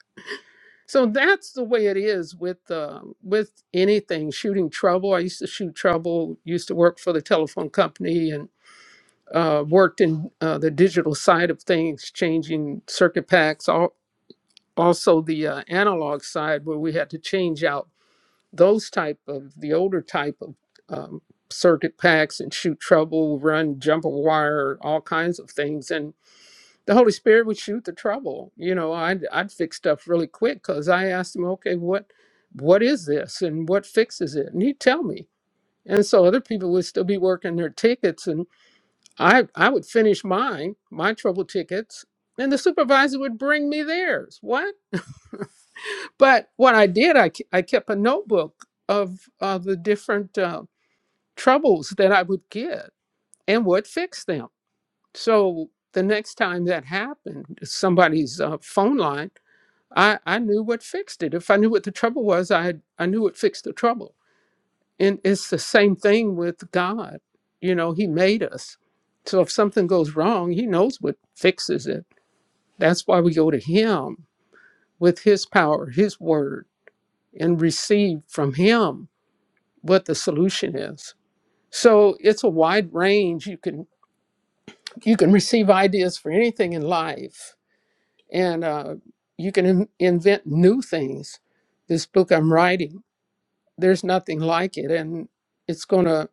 S3: So that's the way it is with um, with anything shooting trouble. I used to shoot trouble. Used to work for the telephone company and uh, worked in uh, the digital side of things, changing circuit packs. All, also the uh, analog side where we had to change out those type of the older type of um, circuit packs and shoot trouble, run, jump a wire, all kinds of things, and the Holy Spirit would shoot the trouble. You know, I'd I'd fix stuff really quick because I asked him, okay, what what is this and what fixes it, and he'd tell me. And so other people would still be working their tickets, and I I would finish mine, my trouble tickets, and the supervisor would bring me theirs. What? But what I did, I ke- I kept a notebook of uh, the different. uh, troubles that I would get and would fix them. So the next time that happened, somebody's uh, phone line, I, I knew what fixed it. If I knew what the trouble was, I, had, I knew what fixed the trouble. And it's the same thing with God. You know, He made us. So if something goes wrong, He knows what fixes it. That's why we go to Him with His power, His word, and receive from Him what the solution is. So it's a wide range. You can you can receive ideas for anything in life and uh, you can in- invent new things this book i'm writing there's nothing like it and it's going to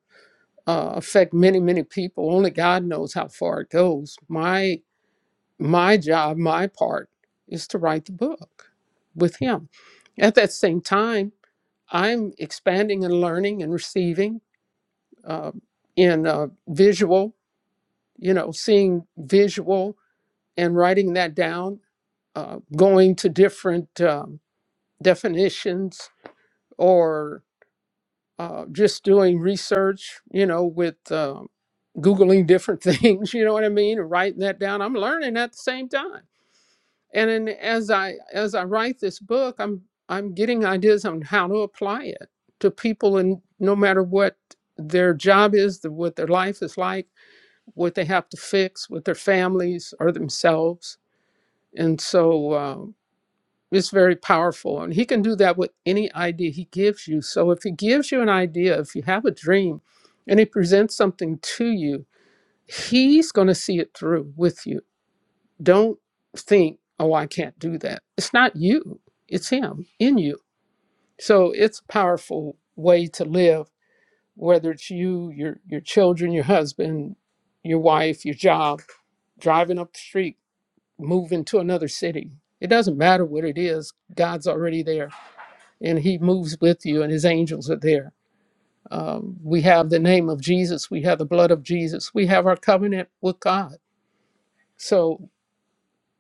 S3: uh, affect many many people only god knows how far it goes my my job my part is to write the book with him at that same time i'm expanding and learning and receiving uh, in uh, visual you know seeing visual and writing that down uh, going to different um, definitions or uh, just doing research, you know, with uh, Googling different things, you know what I mean, and writing that down. I'm learning at the same time. And then as I as I write this book, I'm I'm getting ideas on how to apply it to people and no matter what their job is, the, what their life is like, what they have to fix with their families or themselves. And so um, It's very powerful. And he can do that with any idea he gives you. So if he gives you an idea, if you have a dream and he presents something to you, he's going to see it through with you. Don't think, oh, I can't do that. It's not you, it's him in you. So it's a powerful way to live, whether it's you, your, your children, your husband, your wife, your job, driving up the street, moving to another city. It doesn't matter what it is, God's already there and he moves with you and his angels are there um, we have the name of jesus we have the blood of jesus we have our covenant with god so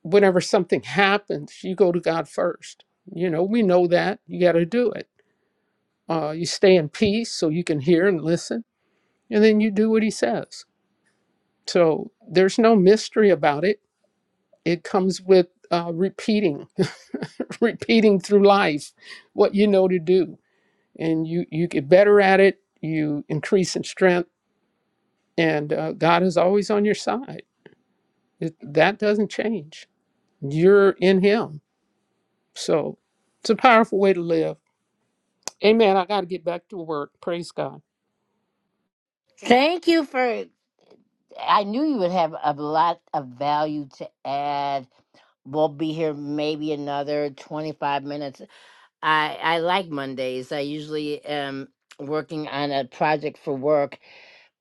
S3: whenever something happens you go to god first you know we know that you got to do it uh, you stay in peace so you can hear and listen and then you do what he says so there's no mystery about it it comes with uh, repeating repeating through life what you know to do and you you get better at it you increase in strength and uh, God is always on your side. It, that doesn't change. You're in Him. So it's a powerful way to live. Amen. I got to get back to work. Praise God.
S1: Thank you for I knew you would have a lot of value to add. We'll be here maybe another 25 minutes. I, I like Mondays. I usually am working on a project for work,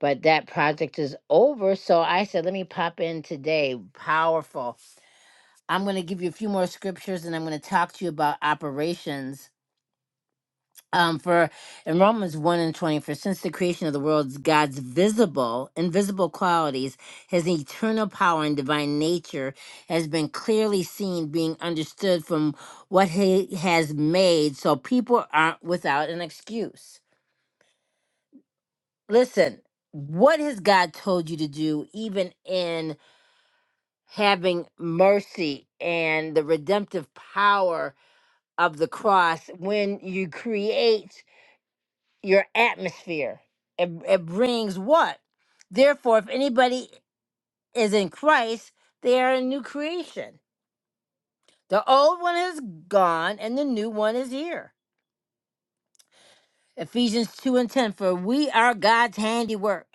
S1: but that project is over. So I said, let me pop in today. Powerful. I'm going to give you a few more scriptures and I'm going to talk to you about operations um, for in Romans 1 and 20, for since the creation of the world, God's visible, invisible qualities, his eternal power and divine nature has been clearly seen, being understood from what he has made, so people aren't without an excuse. Listen, what has God told you to do, even in having mercy and the redemptive power of the cross when you create? your atmosphere. It, it brings what? Therefore, if anybody is in Christ, they are a new creation. The old one is gone and the new one is here. Ephesians 2 and 10 For we are God's handiwork,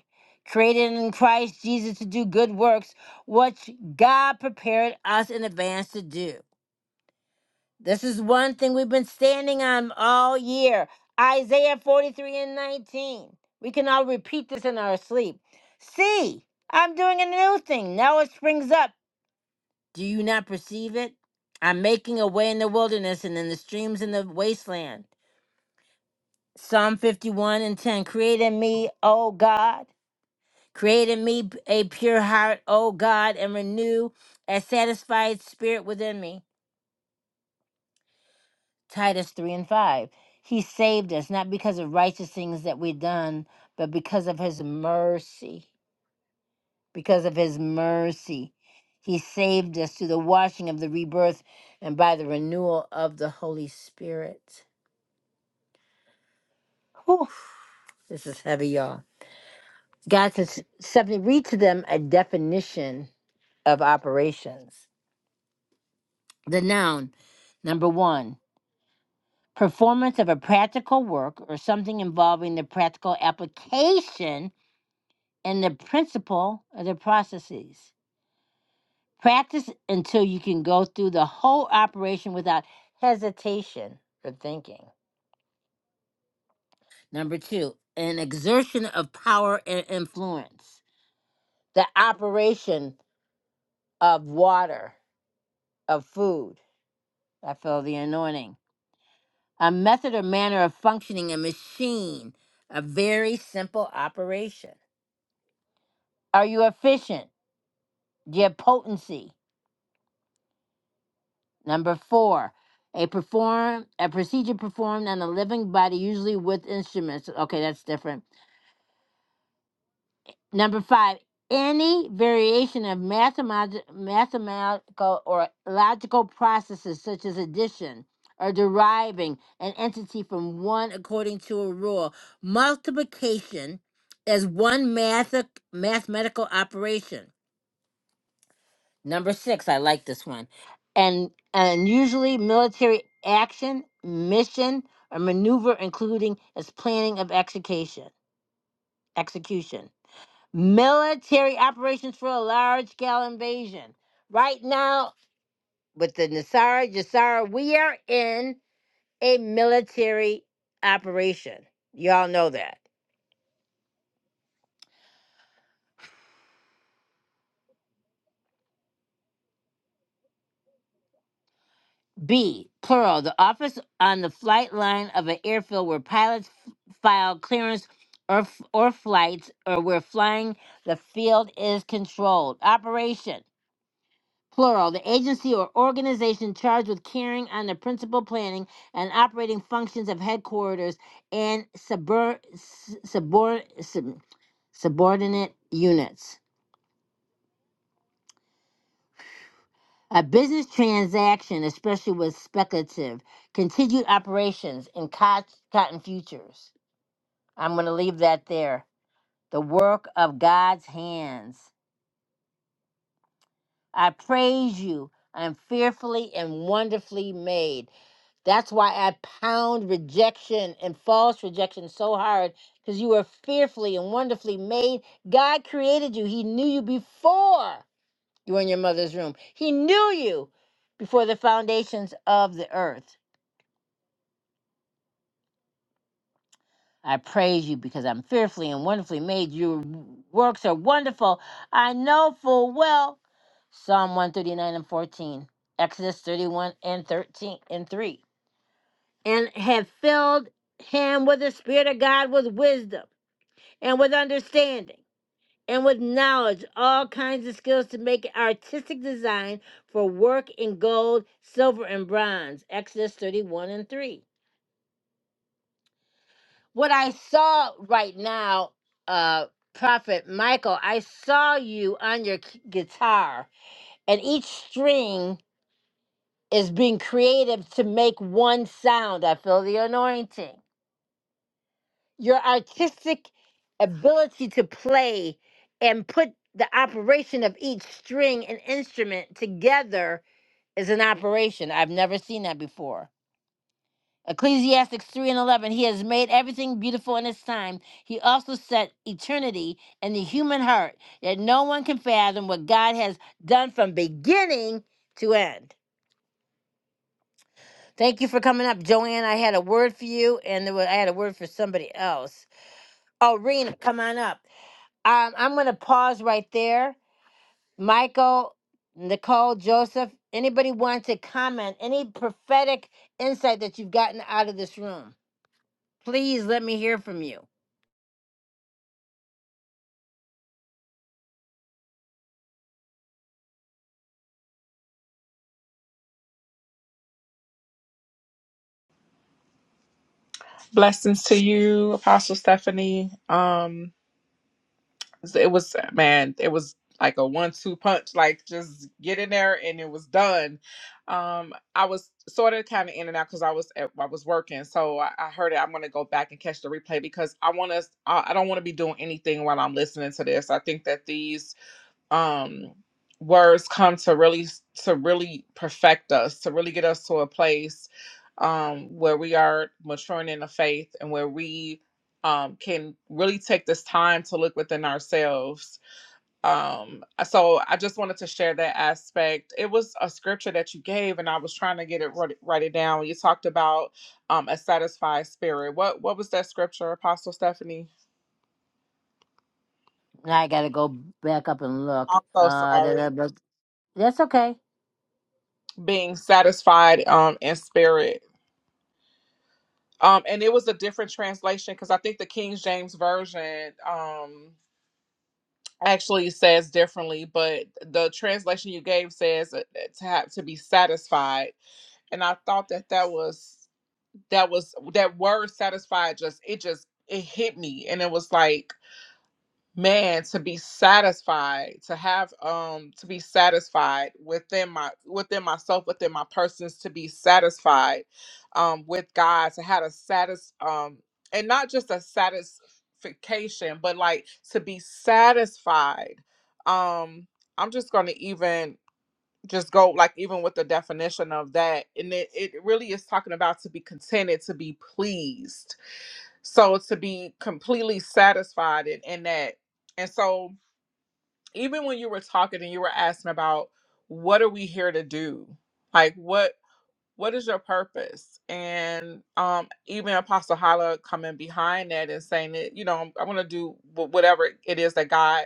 S1: created in Christ Jesus to do good works, which God prepared us in advance to do. This is one thing we've been standing on all year Isaiah 43 and 19. We can all repeat this in our sleep. See, I'm doing a new thing. Now it springs up. Do you not perceive it? I'm making a way in the wilderness and in the streams in the wasteland. Psalm 51 and 10. Create in me, O God. Create in me a pure heart, O God, and renew a satisfied spirit within me. Titus 3 and 5. He saved us not because of righteous things that we done, but because of his mercy. Because of his mercy. He saved us through the washing of the rebirth and by the renewal of the Holy Spirit. Whew, this is heavy, y'all. God says, seven, read to them a definition of operations. The noun, number one, performance of a practical work or something involving the practical application and the principle of the processes. Practice until you can go through the whole operation without hesitation or thinking. Number two, an exertion of power and influence. The operation of water, of food. I feel the anointing. A method or manner of functioning, a machine, a very simple operation. Are you efficient? Do you have potency? Number four, a perform a procedure performed on a living body, usually with instruments. Okay, that's different. Number five, any variation of mathemati- mathematical or logical processes such as addition or deriving an entity from one according to a rule. Multiplication is one math- mathematical operation. Number six, I like this one. And and usually military action, mission, or maneuver, including its planning of execution. Execution. Military operations for a large scale invasion. Right now, with the Nasara Jassara, we are in a military operation. Y'all know that. B, plural, the office on the flight line of an airfield where pilots file clearance or, f- or flights or where flying the field is controlled. Operation, plural, the agency or organization charged with carrying on the principal planning and operating functions of headquarters and subur- s- subor- sub- subordinate units. A business transaction, especially with speculative, continued operations in cot- cotton futures. I'm going to leave that there. The work of God's hands. I praise you. I'm fearfully and wonderfully made. That's why I pound rejection and false rejection so hard because you were fearfully and wonderfully made. God created you, He knew you before you were in your mother's room, He knew you before the foundations of the earth. I praise you because I'm fearfully and wonderfully made. Your works are wonderful. I know full well. Psalm 139 and 14, Exodus 31 and 13 and 3. And have filled him with the Spirit of God with wisdom and with understanding and with knowledge, all kinds of skills to make artistic design for work in gold, silver, and bronze. Exodus 31 and 3 what I saw right now, uh, Prophet Michael, I saw you on your k- guitar, and each string is being creative to make one sound. I feel the anointing. Your artistic ability to play and put the operation of each string and instrument together is an operation. I've never seen that before. Ecclesiastes 3 and 11, He has made everything beautiful in its time. He also set eternity in the human heart, that no one can fathom what God has done from beginning to end. Thank you for coming up, Joanne. I had a word for you, and there was, I had a word for somebody else. Oh, Rena, come on up. Um, I'm going to pause right there. Michael, Nicole, Joseph, anybody want to comment? Any prophetic insight that you've gotten out of this room? Please let me hear from you.
S2: Blessings to you, Apostle Stephanie. Um, So it was man it was like a one-two punch like just get in there and it was done um i was sort of kind of in and out because i was at, i was working so i, I heard it i'm going to go back and catch the replay because i want to i, I don't want to be doing anything while i'm listening to this i think that these um words come to really to really perfect us to really get us to a place um where we are maturing in the faith and where we um can really take this time to look within ourselves um so i just wanted to share that aspect it was a scripture that you gave and i was trying to get it write, write it down you talked about um a satisfied spirit what what was that scripture apostle stephanie
S1: Now I gotta go back up and look.
S2: i'm so
S1: Uh, da,
S2: sorry
S1: da, but that's okay.
S2: being satisfied um in spirit Um, and it was a different translation because I think the King James version um actually says differently, but the translation you gave says uh, uh, to have to be satisfied, and I thought that that was that was that word satisfied just it just it hit me, and it was like man to be satisfied to have um to be satisfied within my within myself within my persons to be satisfied um with god to have a satis um and not just a satisfaction but like to be satisfied um i'm just gonna even just go like even with the definition of that and it, it really is talking about to be contented to be pleased so to be completely satisfied in, in that and so even when you were talking and you were asking about what are we here to do like what what is your purpose? And um, even Apostle Hala coming behind that and saying that, you know, I want to do wh- whatever it is that God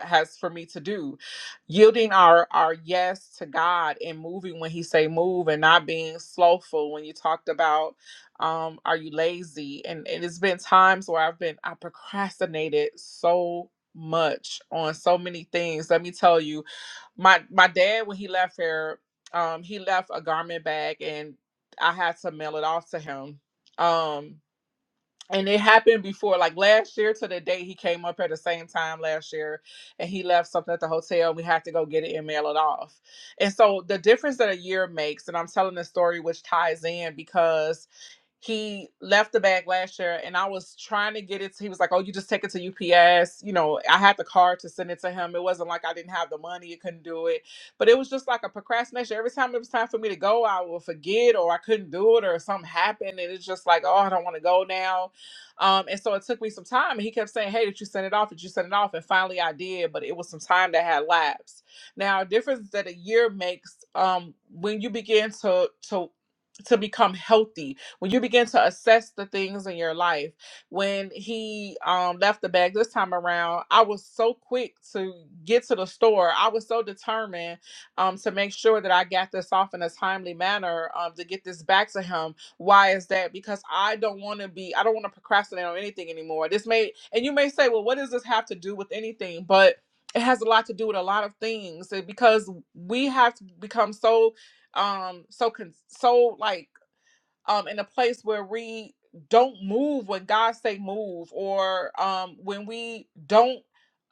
S2: has for me to do. Yielding our our yes to God and moving when He say move and not being slowful. When you talked about, um, are you lazy? And, and it's been times where I've been I procrastinated so much on so many things. Let me tell you, my my dad when he left here um he left a garment bag and i had to mail it off to him um and it happened before like last year to the day he came up at the same time last year and he left something at the hotel we had to go get it and mail it off and so the difference that a year makes and i'm telling this story which ties in because he left the bag last year, and I was trying to get it. To, he was like, "Oh, you just take it to UPS." You know, I had the card to send it to him. It wasn't like I didn't have the money; it couldn't do it. But it was just like a procrastination. Every time it was time for me to go, I would forget, or I couldn't do it, or something happened, and it's just like, "Oh, I don't want to go now." Um, and so it took me some time. And he kept saying, "Hey, did you send it off? Did you send it off?" And finally, I did, but it was some time that had lapsed. Now, a difference that a year makes um, when you begin to to to become healthy, when you begin to assess the things in your life when he um left the bag this time around i was so quick to get to the store i was so determined um to make sure that i got this off in a timely manner um to get this back to him why is that because i don't want to be i don't want to procrastinate on anything anymore this may and you may say well what does this have to do with anything but it has a lot to do with a lot of things and because we have to become so um so con- so like um in a place where we don't move when God say move or um when we don't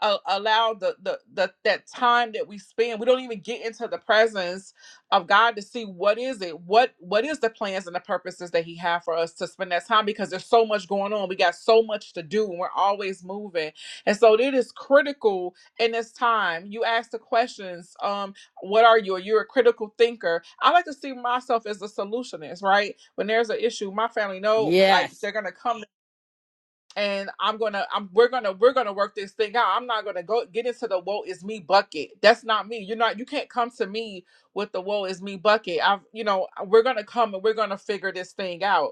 S2: uh, allow the, the the that time that we spend we don't even get into the presence of God to see what is it what what is the plans and the purposes that he have for us to spend that time because there's so much going on we got so much to do and we're always moving and so it is critical in this time you ask the questions um what are you? Are you a critical thinker? I like to see myself as a solutionist, right? When there's an issue, my family know like
S1: Yes.
S2: they're gonna come and I'm gonna I'm we're gonna we're gonna work this thing out. I'm not gonna go get into the woe is me bucket. That's not me. You're not you can't come to me with the woe is me bucket. I've you know, we're gonna come and we're gonna figure this thing out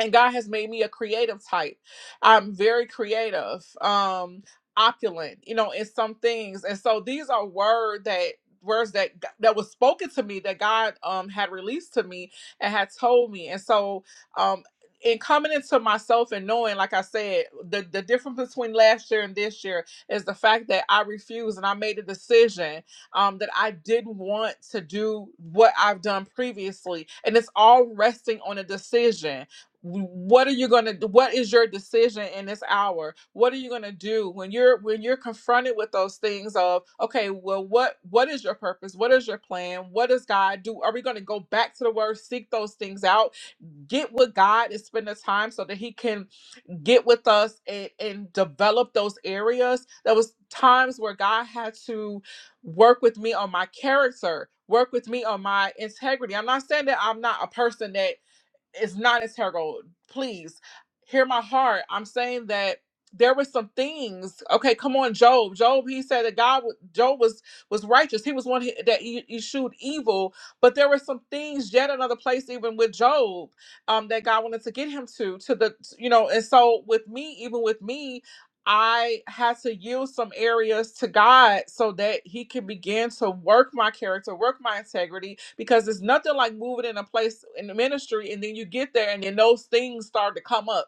S2: and God has made me a creative type. I'm very creative, um, opulent, you know, in some things. And so these are word that words that that was spoken to me that God um had released to me and had told me. And so um in coming into myself and knowing, like I said, the, the difference between last year and this year is the fact that I refused and I made a decision um, that I didn't want to do what I've done previously. And it's all resting on a decision what are you going to do? what is your decision in this hour what are you going to do when you're when you're confronted with those things of okay well what what is your purpose what is your plan what does god do are we going to go back to the word seek those things out get with god and spend the time so that he can get with us and, and develop those areas there was times where god had to work with me on my character work with me on my integrity i'm not saying that i'm not a person that it's not as hair gold. Please hear my heart. I'm saying that there were some things. Okay, come on, Job. Job, he said that God, wa- Job was was righteous. He was one he- that he, he evil. But there were some things. Yet another place, even with Job, um, that God wanted to get him to, to the, you know. And so with me, even with me, I had to yield some areas to God so that He can begin to work my character, work my integrity, because it's nothing like moving in a place in the ministry and then you get there and then those things start to come up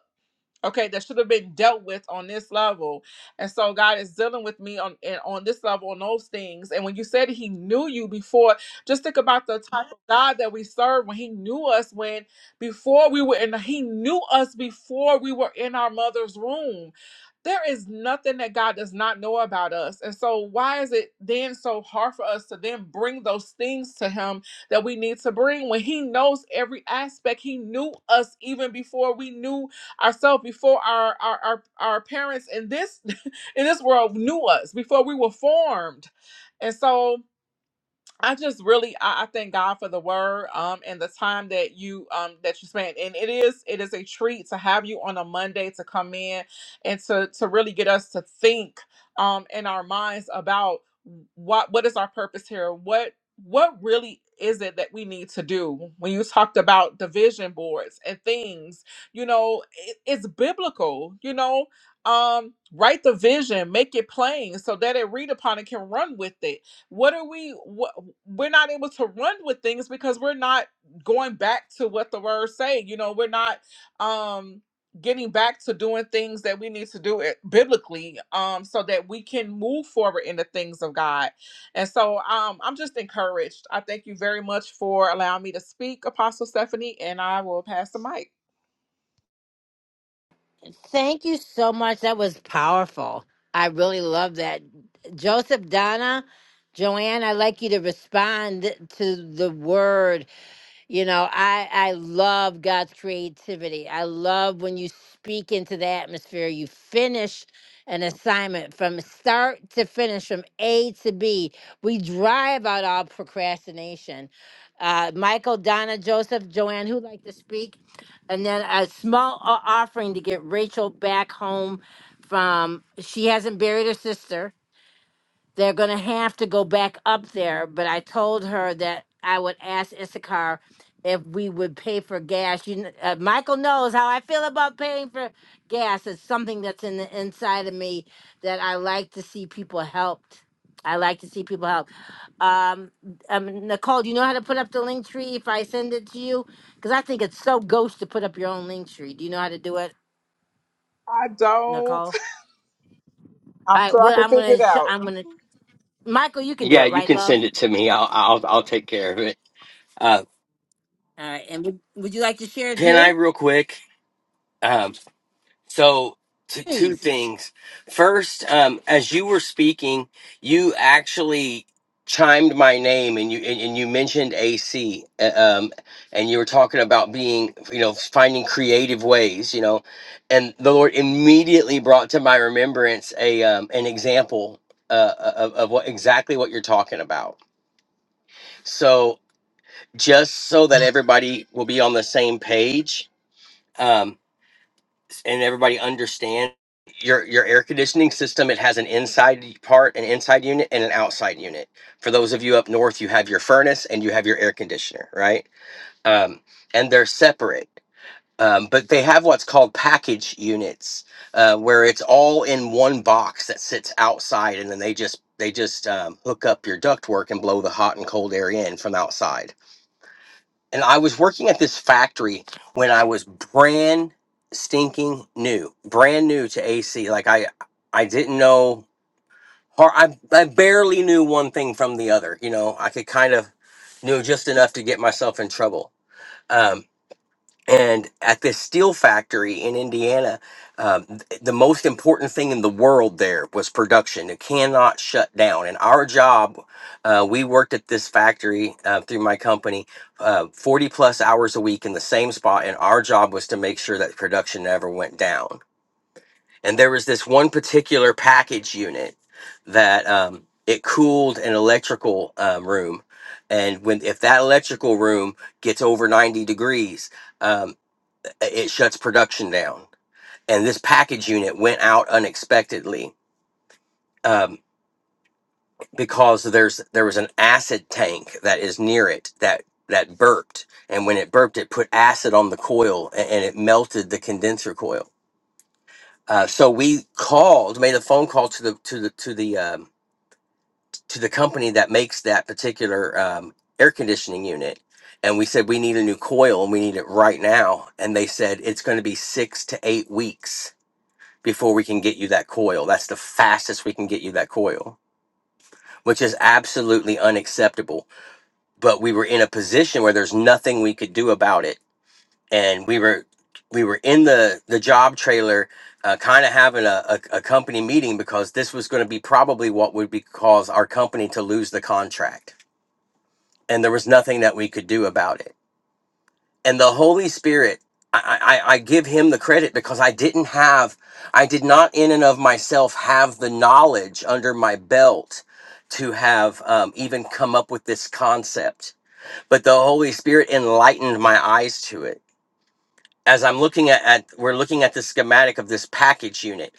S2: okay that should have been dealt with on this level and so god is dealing with me on and on this level on those things and when you said he knew you before just think about the type of god that we serve when he knew us when before we were in he knew us before we were in our mother's womb there is nothing that god does not know about us and so why is it then so hard for us to then bring those things to him that we need to bring when he knows every aspect he knew us even before we knew ourselves before our our our, our parents in this in this world knew us before we were formed and so I just really I, I thank God for the word um and the time that you um that you spent and it is it is a treat to have you on a Monday to come in and to to really get us to think um in our minds about what what is our purpose here what what really is it that we need to do when you talked about the vision boards and things you know it, it's biblical you know um write the vision make it plain so that it read upon and can run with it what are we what, we're not able to run with things because we're not going back to what the words say you know we're not um getting back to doing things that we need to do it biblically um so that we can move forward in the things of god and so um i'm just encouraged i thank you very much for allowing me to speak apostle stephanie and i will pass the mic
S1: Thank you so much. That was powerful. I really love that. Joseph Donna, Joanne, I'd like you to respond to the word. You know, I I love God's creativity. I love when you speak into the atmosphere. You finish an assignment from start to finish, from A to B. We drive out all procrastination. Uh, Michael, Donna, Joseph, Joanne, who would like to speak, and then a small o- offering to get Rachel back home from. She hasn't buried her sister they're going to have to go back up there. But I told her that I would ask Issachar if we would pay for gas. You, kn- uh, Michael knows how I feel about paying for gas. It's something that's in the inside of me that I like to see people helped. I like to see people helped. Um, um, Nicole, do you know how to put up the link tree if I send it to you? Because I think it's so ghost to put up your own link tree. Do you know how to do it,
S2: i don't
S1: Nicole? All
S2: i'm
S1: right,
S2: sure i
S1: well,
S2: can
S1: I'm
S2: figure it
S1: gonna, sh-
S2: out
S1: I'm gonna, Michael, you can do
S4: Yeah,
S1: it,
S4: you
S1: right,
S4: can
S1: love?
S4: send it to me. I'll I'll I'll take care of it. Uh,
S1: All right. And would, would you like to share,
S4: can I
S1: Jew?
S4: real quick? Um, so t- two
S1: Please.
S4: things. First, um, as you were speaking, you actually chimed my name and you and, and you mentioned AC uh, um and you were talking about being you know finding creative ways you know and the Lord immediately brought to my remembrance a um an example uh of, of what exactly what you're talking about so just so that everybody will be on the same page um, and everybody understand your your air conditioning system it has an inside part an inside unit and an outside unit for those of you up north you have your furnace and you have your air conditioner right um, and they're separate um, but they have what's called package units uh, where it's all in one box that sits outside and then they just they just um, hook up your ductwork and blow the hot and cold air in from outside and I was working at this factory when I was brand stinking new, brand new to AC. Like I, I didn't know. Or I, I barely knew one thing from the other. You know, I could kind of knew just enough to get myself in trouble. Um, and at this steel factory in Indiana, um, th- the most important thing in the world there was production. It cannot shut down. And our job, uh, we worked at this factory uh, through my company uh, 40 plus hours a week in the same spot. And our job was to make sure that production never went down. And there was this one particular package unit that um, it cooled an electrical um, room. And when if that electrical room gets over 90 degrees, um, it shuts production down. And this package unit went out unexpectedly um, because there's there was an acid tank that is near it that that burped, and when it burped, it put acid on the coil and, and it melted the condenser coil. Uh, so we called, made a phone call to the to the to the um, to the company that makes that particular um, air conditioning unit, and we said we need a new coil and we need it right now. And they said it's going to be six to eight weeks before we can get you that coil. That's the fastest we can get you that coil, which is absolutely unacceptable. But we were in a position where there's nothing we could do about it, and we were we were in the the job trailer, uh, kind of having a, a, a company meeting because this was going to be probably what would be cause our company to lose the contract, and there was nothing that we could do about it and the Holy Spirit. I, I, I give him the credit because I didn't have, I did not in and of myself have the knowledge under my belt to have um, even come up with this concept. But the Holy Spirit enlightened my eyes to it. As I'm looking at, at we're looking at the schematic of this package unit.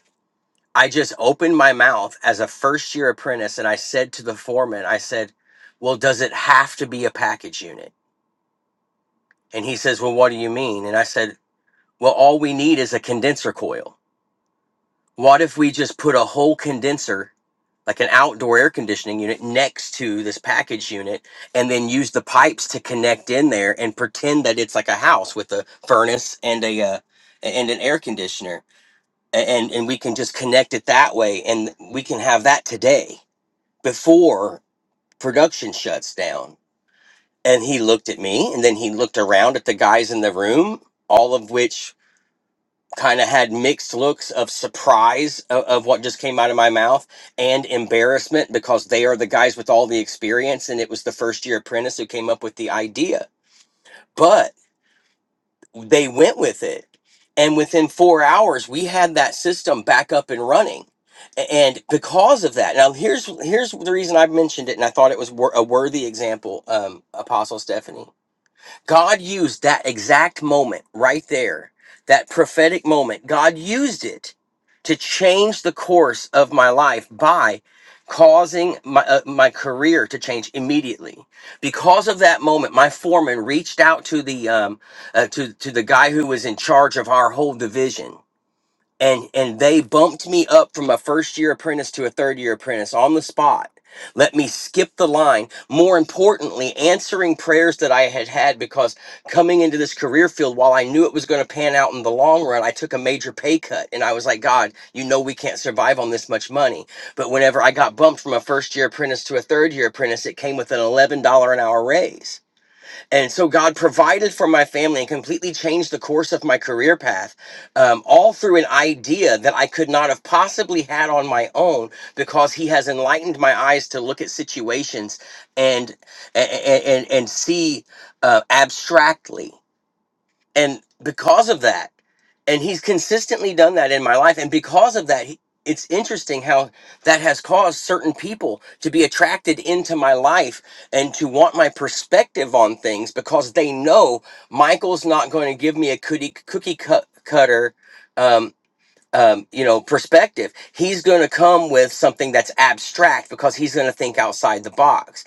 S4: I just opened my mouth as a first year apprentice and I said to the foreman, I said, Well, does it have to be a package unit? And he says, Well, what do you mean? And I said, Well, all we need is a condenser coil. What if we just put a whole condenser, like an outdoor air conditioning unit, next to this package unit and then use the pipes to connect in there and pretend that it's like a house with a furnace and a uh, and an air conditioner A- and and we can just connect it that way and we can have that today before production shuts down. And he looked at me and then he looked around at the guys in the room, all of which kind of had mixed looks of surprise of, of what just came out of my mouth and embarrassment because they are the guys with all the experience and it was the first year apprentice who came up with the idea but they went with it and within four hours we had that system back up and running A- and because of that now here's here's the reason i mentioned it and i thought it was wor- a worthy example um, apostle stephanie God used that exact moment right there, that prophetic moment. God used it to change the course of my life by causing my uh, my career to change immediately. Because of that moment, my foreman reached out to the um, uh, to to the guy who was in charge of our whole division and and they bumped me up from a first year apprentice to a third year apprentice on the spot let me skip the line more importantly answering prayers that i had had because coming into this career field while i knew it was going to pan out in the long run i took a major pay cut and i was like god you know we can't survive on this much money but whenever i got bumped from a first year apprentice to a third year apprentice it came with an $11 an hour raise and so God provided for my family and completely changed the course of my career path, um, all through an idea that I could not have possibly had on my own because He has enlightened my eyes to look at situations and and and, and see uh, abstractly and because of that and he's consistently done that in my life and because of that he, it's interesting how that has caused certain people to be attracted into my life and to want my perspective on things because they know michael's not going to give me a cookie, cookie cut, cutter um, um, you know perspective he's going to come with something that's abstract because he's going to think outside the box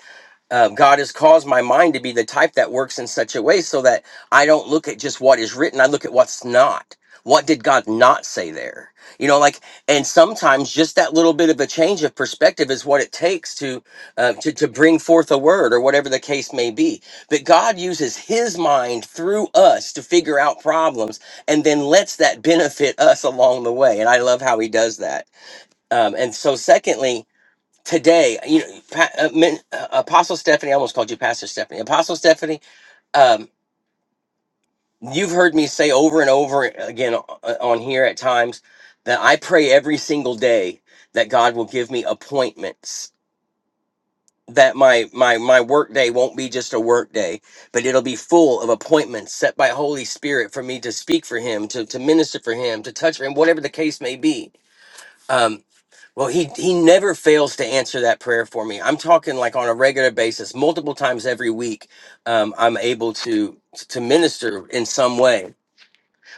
S4: um, God has caused my mind to be the type that works in such a way so that I don't look at just what is written, I look at what's not. What did God not say there? You know, like, and sometimes just that little bit of a change of perspective is what it takes to, uh, to to bring forth a word or whatever the case may be. But God uses His mind through us to figure out problems, and then lets that benefit us along the way. And I love how He does that. Um, and so, secondly, today, you know, Pa- uh, men- uh, Apostle Stephanie, I almost called you Pastor Stephanie. Apostle Stephanie, um, you've heard me say over and over again o- uh, on here at times that I pray every single day that God will give me appointments that my my my work day won't be just a work day but it'll be full of appointments set by holy spirit for me to speak for him to to minister for him to touch for him whatever the case may be Um, Well, he he never fails to answer that prayer for me. I'm talking like on a regular basis, multiple times every week. Um, I'm able to to minister in some way.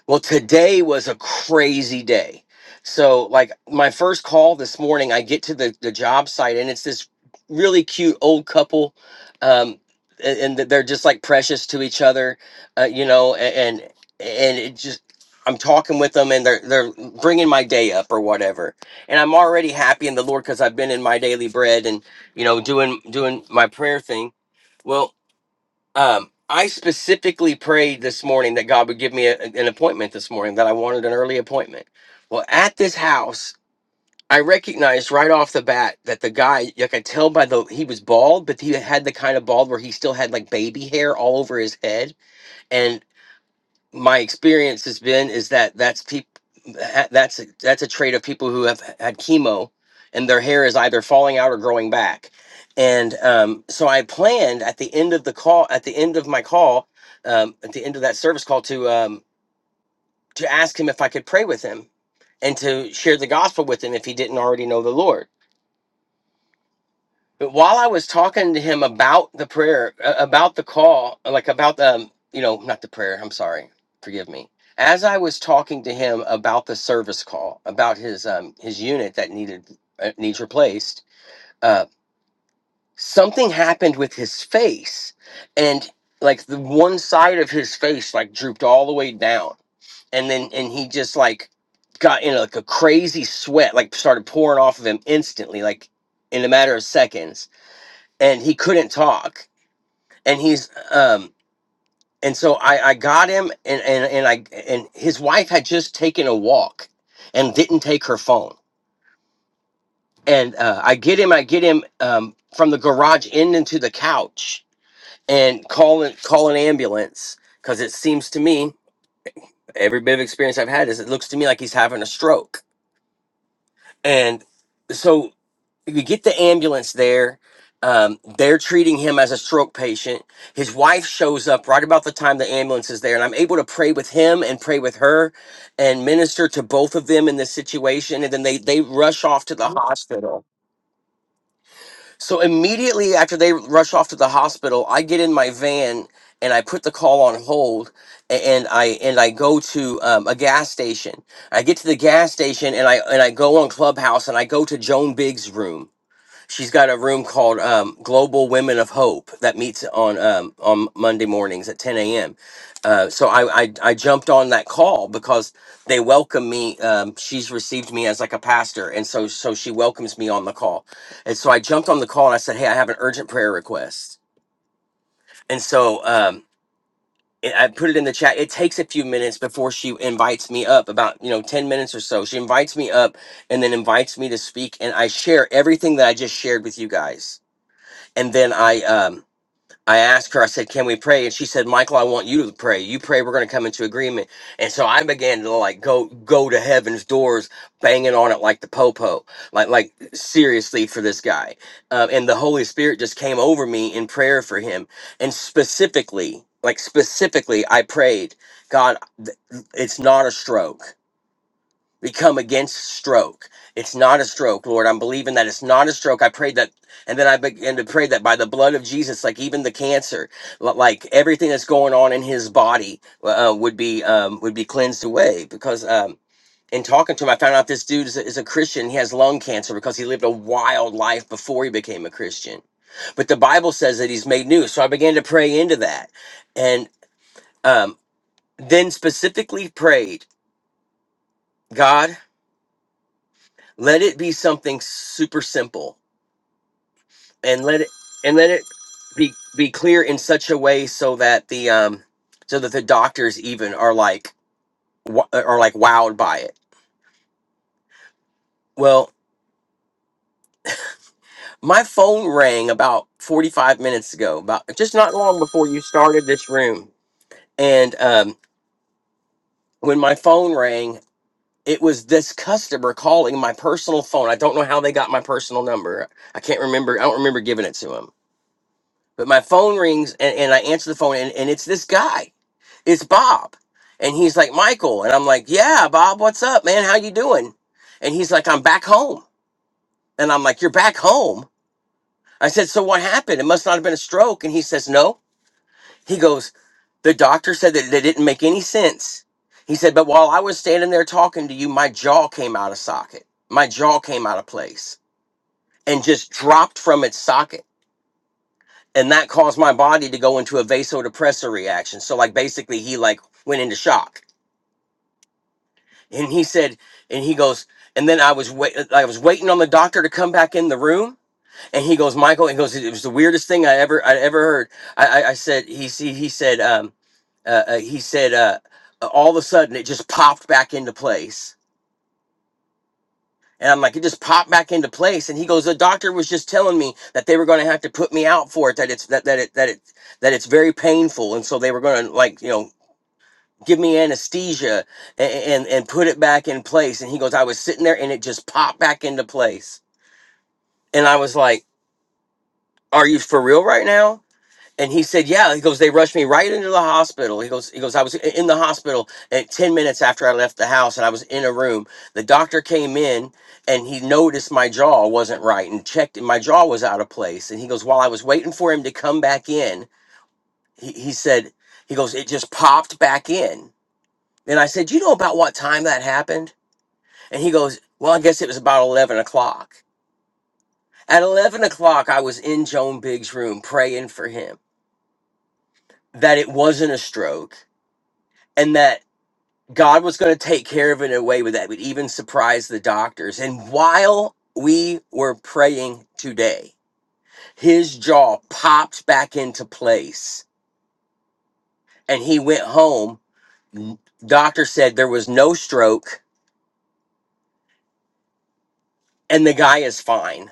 S4: Well, today was a crazy day. So, like my first call this morning, I get to the, the job site and it's this really cute old couple. Um, a- and, th- they're just like precious to each other, uh, you know, a- and, and it just, I'm talking with them and they're, they're bringing my day up or whatever. And I'm already happy in the Lord because I've been in my daily bread and, you know, doing, doing my prayer thing. Well, um, I specifically prayed this morning that God would give me a, an appointment this morning, that I wanted an early appointment. Well, at this house, I recognized right off the bat that the guy, you could tell by the, he was bald, but he had the kind of bald where he still had like baby hair all over his head my experience has been is that that's people that's a, that's a trait of people who have had chemo and their hair is either falling out or growing back and um, so i planned at the end of the call at the end of my call um, at the end of that service call to um, to ask him if i could pray with him and to share the gospel with him if he didn't already know the lord while I was talking to him about the prayer, uh, about the call, like about the, um, you know, not the prayer, I'm sorry, forgive me. As I was talking to him about the service call, about his um, his unit that needed uh, needs replaced, uh, something happened with his face, and like the one side of his face like drooped all the way down, and then and he just like got in like a crazy sweat, like started pouring off of him instantly, like in a matter of seconds and he couldn't talk and he's um and so i i got him and and, and i and his wife had just taken a walk and didn't take her phone and uh, i get him i get him um, from the garage in into the couch and call it call an ambulance because it seems to me every bit of experience i've had is it looks to me like he's having a stroke and so we get the ambulance there. Um, they're treating him as a stroke patient. His wife shows up right about the time the ambulance is there, and I'm able to pray with him and pray with her, and minister to both of them in this situation. And then they they rush off to the hospital. So immediately after they rush off to the hospital, I get in my van and I put the call on hold, a- and I and I go to um, a gas station. I get to the gas station and I and I go on Clubhouse and I go to Joan Biggs' room She's got a room called um, Global Women of Hope that meets on um, on Monday mornings at 10 a.m. Uh, so I, I I jumped on that call because they welcome me. Um, she's received me as like a pastor, and so so she welcomes me on the call. And so I jumped on the call and I said, "Hey, I have an urgent prayer request." And so um, it- I put it in the chat. It takes a few minutes before she invites me up, about you know 10 minutes or so. She invites me up and then invites me to speak, and I share everything that I just shared with you guys and then I um I asked her, I said, Can we pray? And she said, Michael, I want you to pray. You pray, we're gonna come into agreement. And so I began to like go go to heaven's doors, banging on it like the popo. Like like seriously for this guy. Uh, and the Holy Spirit just came over me in prayer for him. And specifically, like specifically, I prayed, God, th- it's not a stroke. We come against stroke. It's not a stroke, Lord. I'm believing that it's not a stroke. I prayed that, and then I began to pray that by the blood of Jesus, like even the cancer, li- like everything that's going on in his body, uh, uh, would be um, would be cleansed away. Because um, in talking to him, I found out this dude is a, is a Christian. He has lung cancer because he lived a wild life before he became a Christian. But the Bible says that he's made new. So I began to pray into that, and um, then specifically prayed, God. let it be something super simple and let it and let it be be clear in such a way so that the um so that the doctors even are like wa- are like wowed by it well my phone rang about 45 minutes ago about just not long before you started this room and um when my phone rang it was this customer calling my personal phone i don't know how they got my personal number i can't remember i don't remember giving it to him But my phone rings and, and I answer the phone and, and it's this guy. It's Bob. And he's like, Michael. And I'm like, yeah, Bob, what's up, man? How you doing? And he's like, I'm back home. And I'm like, you're back home? I said, so what happened? It must not have been a stroke. And he says, no. He goes, the doctor said that it didn't make any sense. He said, but while I was standing there talking to you, my jaw came out of socket. My jaw came out of place and just dropped from its socket and that caused my body to go into a vasodepressor reaction so like basically he like went into shock and he said and he goes and then i was wait i was waiting on the doctor to come back in the room and he goes michael he goes it was the weirdest thing i ever i ever heard i i, I said he see he said um uh, uh, he said uh uh, all of a sudden it just popped back into place And I'm like, it just popped back into place. And he goes, the doctor was just telling me that they were going to have to put me out for it. That it's that that it that it that it's very painful, and so they were going to like you know give me anesthesia and, and and put it back in place. And he goes, I was sitting there and it just popped back into place. And I was like, Are you for real right now? and he said, "Yeah." He goes, "They rushed me right into the hospital." He goes, "He goes, I was i- in the hospital, and ten minutes after I left the house, and I was in a room. The doctor came in, and he noticed my jaw wasn't right, and checked, and my jaw was out of place. And he goes, while I was waiting for him to come back in, he, he said, he goes, it just popped back in. And I said, you know about what time that happened? And he goes, well, I guess it was about eleven o'clock. At eleven o'clock, I was in Joan Biggs' room praying for him that it wasn't a stroke." and that God was going to take care of it in a way that would even surprise the doctors. And while we were praying today, his jaw popped back into place and he went home. Doctor said there was no stroke and the guy is fine.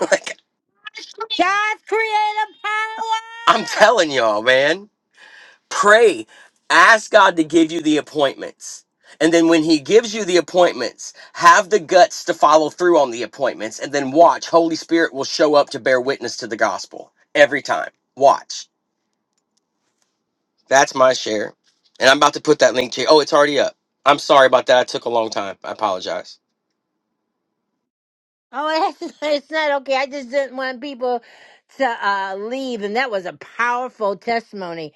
S4: like,
S1: God's creative
S4: I'm
S1: power.
S4: telling y'all, man Pray. Ask God to give you the appointments. And then when he gives you the appointments, have the guts to follow through on the appointments and then watch. Holy Spirit will show up to bear witness to the gospel every time. Watch. That's my share. And I'm about to put that link to you. Oh, it's already up. I'm sorry about that. I took a long time. I apologize.
S1: Oh, it's, it's not okay. I just didn't want people to uh, leave. And that was a powerful testimony.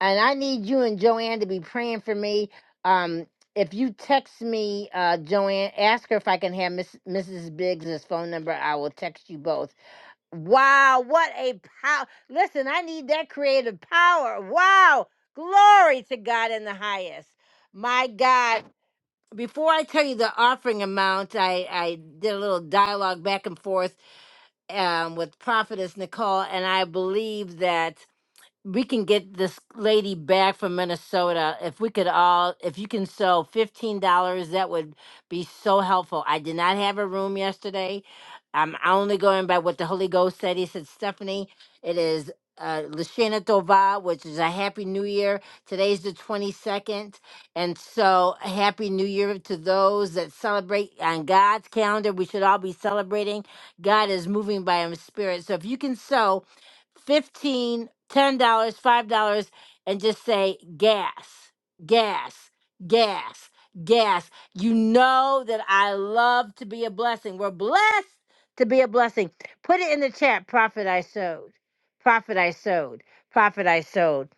S1: And I need you and Joanne to be praying for me. Um, if you text me, uh, Joanne, ask her if I can have Miss, Mrs. Biggs' phone number. I will text you both. Wow, what a power. Listen, I need that creative power. Wow, glory to God in the highest. My God, before I tell you the offering amount, I, I did a little dialogue back and forth um, with Prophetess Nicole, and I believe that we can get this lady back from Minnesota. If we could all, if you can sew fifteen dollars, that would be so helpful. I did not have a room yesterday. I'm only going by what the Holy Ghost said. He said, Stephanie, it is uh, Lashana Tova, which is a Happy New Year. Today's the 22nd. And so, Happy New Year to those that celebrate on God's calendar. We should all be celebrating. God is moving by His Spirit. So, if you can sew, 15, 10 dollars five dollars and just say gas gas gas gas you know that i love to be a blessing we're blessed to be a blessing put it in the chat profit i sowed profit i sowed profit i sowed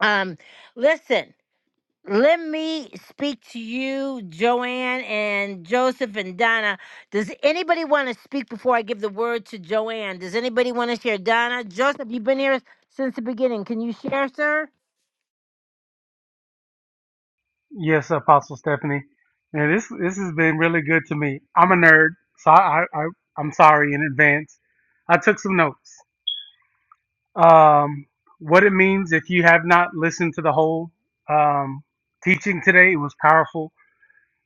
S1: um listen let me speak to you, Joanne and Joseph and Donna. Does anybody want to speak before I give the word to Joanne? Does anybody want to share? Donna, Joseph, you've been here since the beginning. Can you share, sir?
S5: Yes, Apostle Stephanie. And this this has been really good to me. I'm a nerd, so I, I, I I'm sorry in advance. I took some notes. Um, what it means if you have not listened to the whole um, teaching today, it was powerful.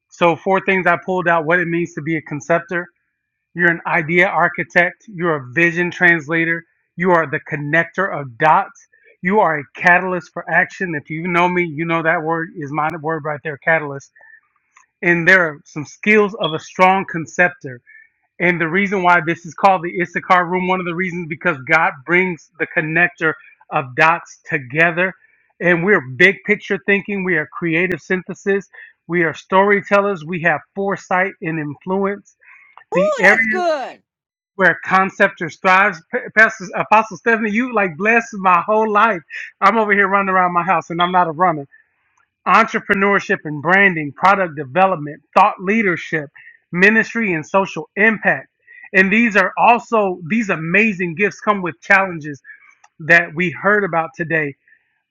S5: So four things I pulled out: what it means to be a conceptor. You're an idea architect. You're a vision translator. You are the connector of dots. You are a catalyst for action. If you know me, you know that word is my word right there, catalyst and there are some skills of a strong conceptor. And the reason why this is called the Issachar room, one of the reasons because God brings the connector of dots together. And we're big picture thinking, we are creative synthesis, we are storytellers, we have foresight and influence.
S1: Ooh,
S5: The
S1: that's
S5: areas
S1: good.
S5: where conceptors thrives, P- Pastor Apostle Stephanie, you like blessed my whole life. I'm over here running around my house and I'm not a runner entrepreneurship and branding, product development, thought leadership, ministry and social impact. And these are also these amazing gifts come with challenges that we heard about today.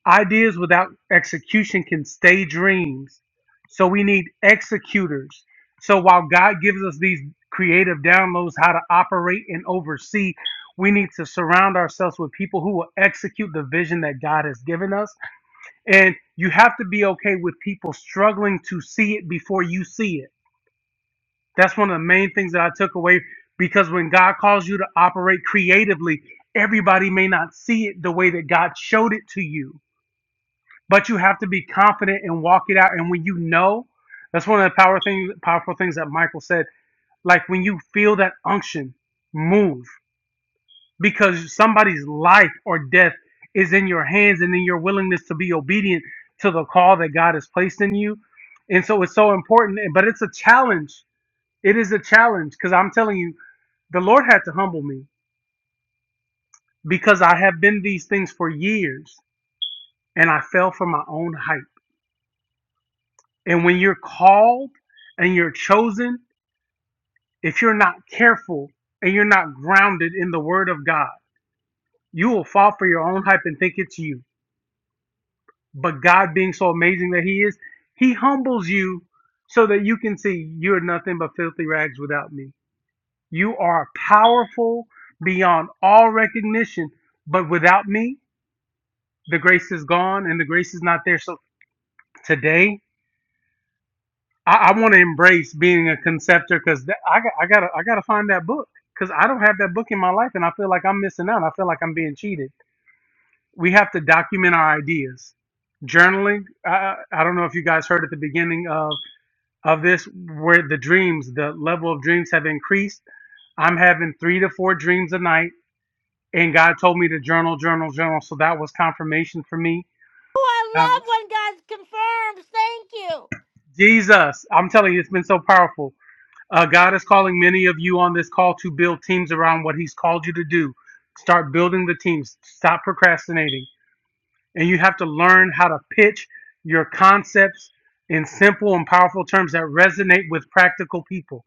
S5: Ideas without execution can stay dreams. So we need executors. So while God gives us these creative downloads how to operate and oversee, we need to surround ourselves with people who will execute the vision that God has given us and you have to be okay with people struggling to see it before you see it. That's one of the main things that I took away because when God calls you to operate creatively, everybody may not see it the way that God showed it to you, but you have to be confident and walk it out. And when you know, that's one of the power things, powerful things that Michael said. Like when you feel that unction, move. because somebody's life or death is in your hands and in your willingness to be obedient to the call that God has placed in you. And so it's so important, but it's a challenge. It is a challenge because I'm telling you, the Lord had to humble me because I have been these things for years and I fell for my own hype. And when you're called and you're chosen, if you're not careful and you're not grounded in the word of God, you will fall for your own hype and think it's you But God being so amazing that He is, He humbles you so that you can see you're nothing but filthy rags without me. You are powerful beyond all recognition, but without me, the grace is gone and the grace is not there. So today, I, I want to embrace being a conceptor because I, got- I gotta I gotta find that book because I don't have that book in my life and I feel like I'm missing out. I feel like I'm being cheated. We have to document our ideas journaling. I, I I don't know if you guys heard at the beginning of of this where the dreams, the level of dreams have increased. I'm having three to four dreams a night, and God told me to journal, journal, journal. So that was confirmation for me.
S1: Oh, I
S5: Um,
S1: love when God confirms. Thank you.
S5: Jesus, I'm telling you, it's been so powerful. Uh, God is calling many of you on this call to build teams around what He's called you to do. Start building the teams. Stop procrastinating, and you have to learn how to pitch your concepts in simple and powerful terms that resonate with practical people.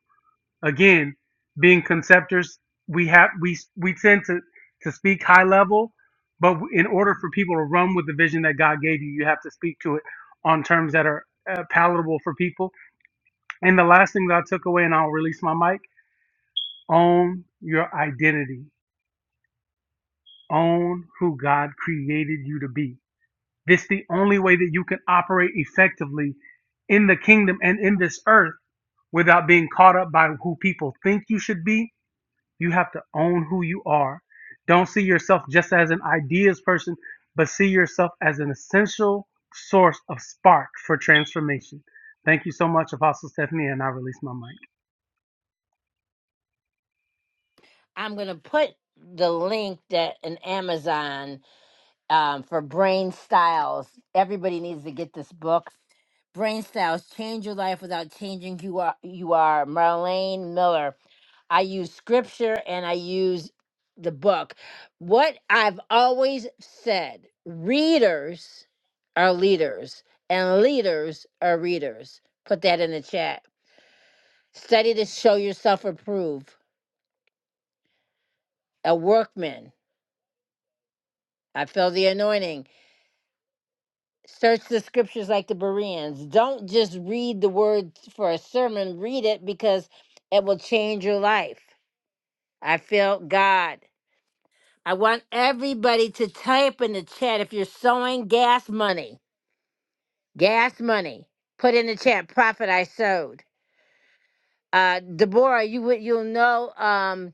S5: again being conceptors we have we we tend to to speak high level but in order for people to run with the vision that god gave you you have to speak to it on terms that are uh, palatable for people and the last thing that i took away and i'll release my mic own your identity own who god created you to be this is the only way that you can operate effectively in the kingdom and in this earth without being caught up by who people think you should be You have to own who you are. Don't see yourself just as an ideas person, but see yourself as an essential source of spark for transformation. Thank you so much, Apostle Stephanie, and I release my mic.
S1: I'm going to put the link that an Amazon um, for brain styles. Everybody needs to get this book. Brain styles change your life without changing who you are. You are Marlene Miller. I use scripture and I use the book. What I've always said: readers are leaders, and leaders are readers. Put that in the chat. Study to show yourself approved. A workman. I feel the anointing search the scriptures like the Bereans. Don't just read the words for a sermon, read it because it will change your life. I felt God. I want everybody to type in the chat if you're sowing gas money, gas money. Put in the chat, profit I sowed. Uh, Deborah, you would you'll know. Um,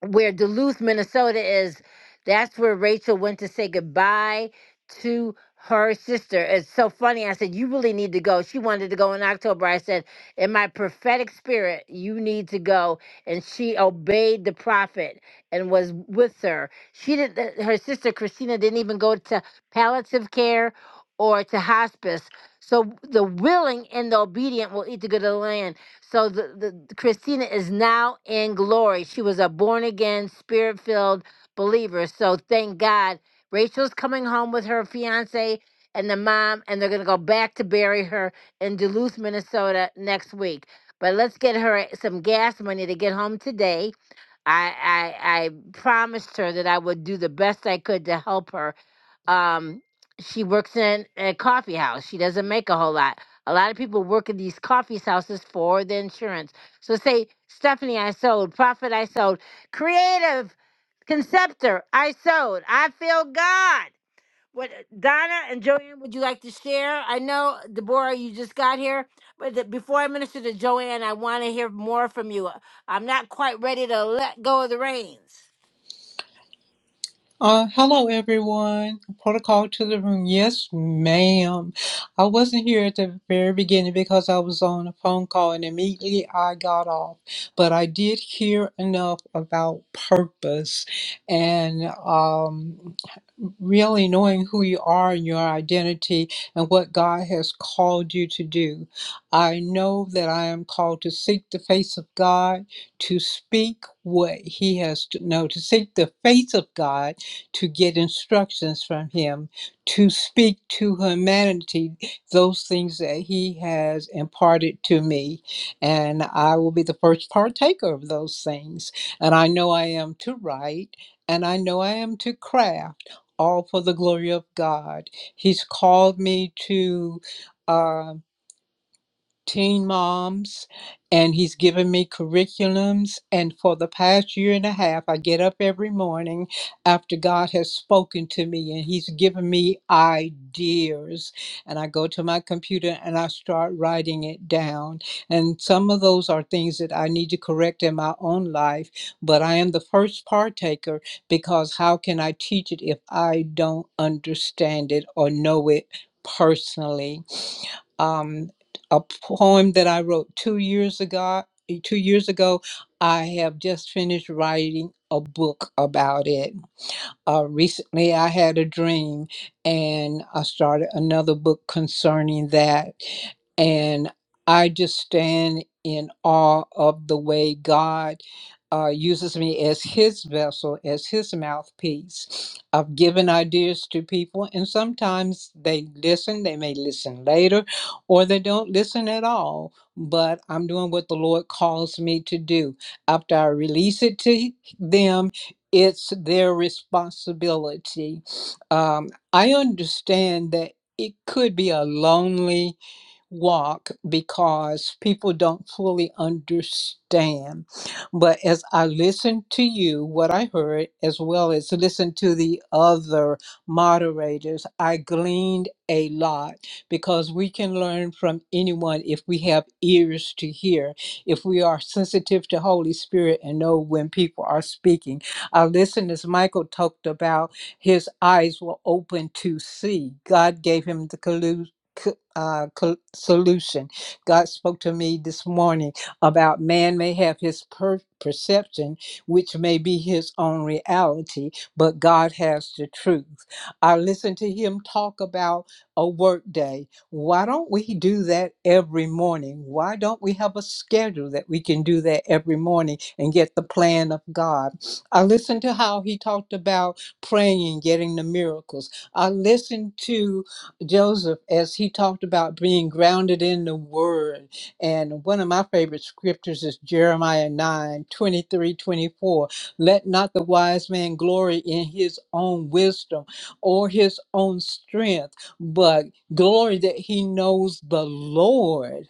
S1: where Duluth, Minnesota is. That's where Rachel went to say goodbye to her sister. It's so funny. I said, You really need to go. She wanted to go in October. I said, In my prophetic spirit, you need to go. And she obeyed the prophet and was with her. She did not her sister Christina didn't even go to palliative care or to hospice. So the willing and the obedient will eat the good of the land. So the, the Christina is now in glory. She was a born again, spirit filled believer. So thank God. Rachel's coming home with her fiance and the mom, and they're gonna go back to bury her in Duluth, Minnesota next week. But let's get her some gas money to get home today. I I, I promised her that I would do the best I could to help her um she works in a coffee house she doesn't make a whole lot a lot of people work in these coffee houses for the insurance so say stephanie i sold profit i sold creative conceptor i sold i feel god what uh, donna and joanne would you like to share i know deborah you just got here but the, before i minister to joanne i want to hear more from you i'm not quite ready to let go of the reins
S6: Uh, hello everyone. Protocol to the room. Yes, ma'am. I wasn't here at the very beginning because I was on a phone call and immediately I got off. But I did hear enough about purpose and um, really knowing who you are and your identity and what God has called you to do. I know that I am called to seek the face of God, to speak what He has, no, to seek the face of God to get instructions from him, to speak to humanity those things that he has imparted to me. And I will be the first partaker of those things. And I know I am to write, and I know I am to craft, all for the glory of God. He's called me to. Uh, teen moms and he's given me curriculums and for the past year and a half i get up every morning after god has spoken to me and he's given me ideas and i go to my computer and i start writing it down and some of those are things that i need to correct in my own life but i am the first partaker because how can i teach it if i don't understand it or know it personally Um a poem that I wrote two years ago. Two years ago, I have just finished writing a book about it. Uh, recently, I had a dream and I started another book concerning that. And I just stand in awe of the way God uh, uses me as his vessel, as his mouthpiece. I've given ideas to people, and sometimes they listen. They may listen later, or they don't listen at all. But I'm doing what the Lord calls me to do. After I release it to them, it's their responsibility. Um, I understand that it could be a lonely walk because people don't fully understand. But as I listened to you, what I heard, as well as listen to the other moderators, I gleaned a lot because we can learn from anyone if we have ears to hear, if we are sensitive to Holy Spirit and know when people are speaking. I listened as Michael talked about his eyes were open to see. God gave him the co- uh, col- solution. God spoke to me this morning about man may have his per- perception, which may be his own reality, but God has the truth. I listened to him talk about a work day. Why don't we do that every morning? Why don't we have a schedule that we can do that every morning and get the plan of God? I listened to how he talked about praying and getting the miracles. I listened to Joseph as he talked about being grounded in the word. And one of my favorite scriptures is Jeremiah 9 23 24. Let not the wise man glory in his own wisdom or his own strength, but glory that he knows the Lord.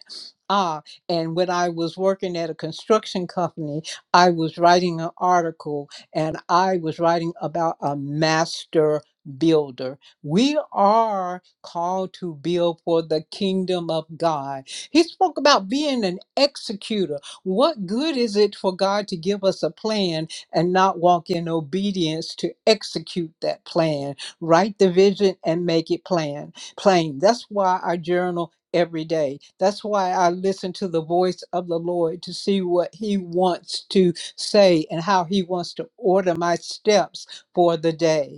S6: Ah, and when I was working at a construction company, I was writing an article and I was writing about a master builder we are called to build for the kingdom of God. He spoke about being an executor. What good is it for God to give us a plan and not walk in obedience to execute that plan? Write the vision and make it plan plain. That's why I journal every day. That's why I listen to the voice of the Lord to see what he wants to say and how he wants to order my steps for the day.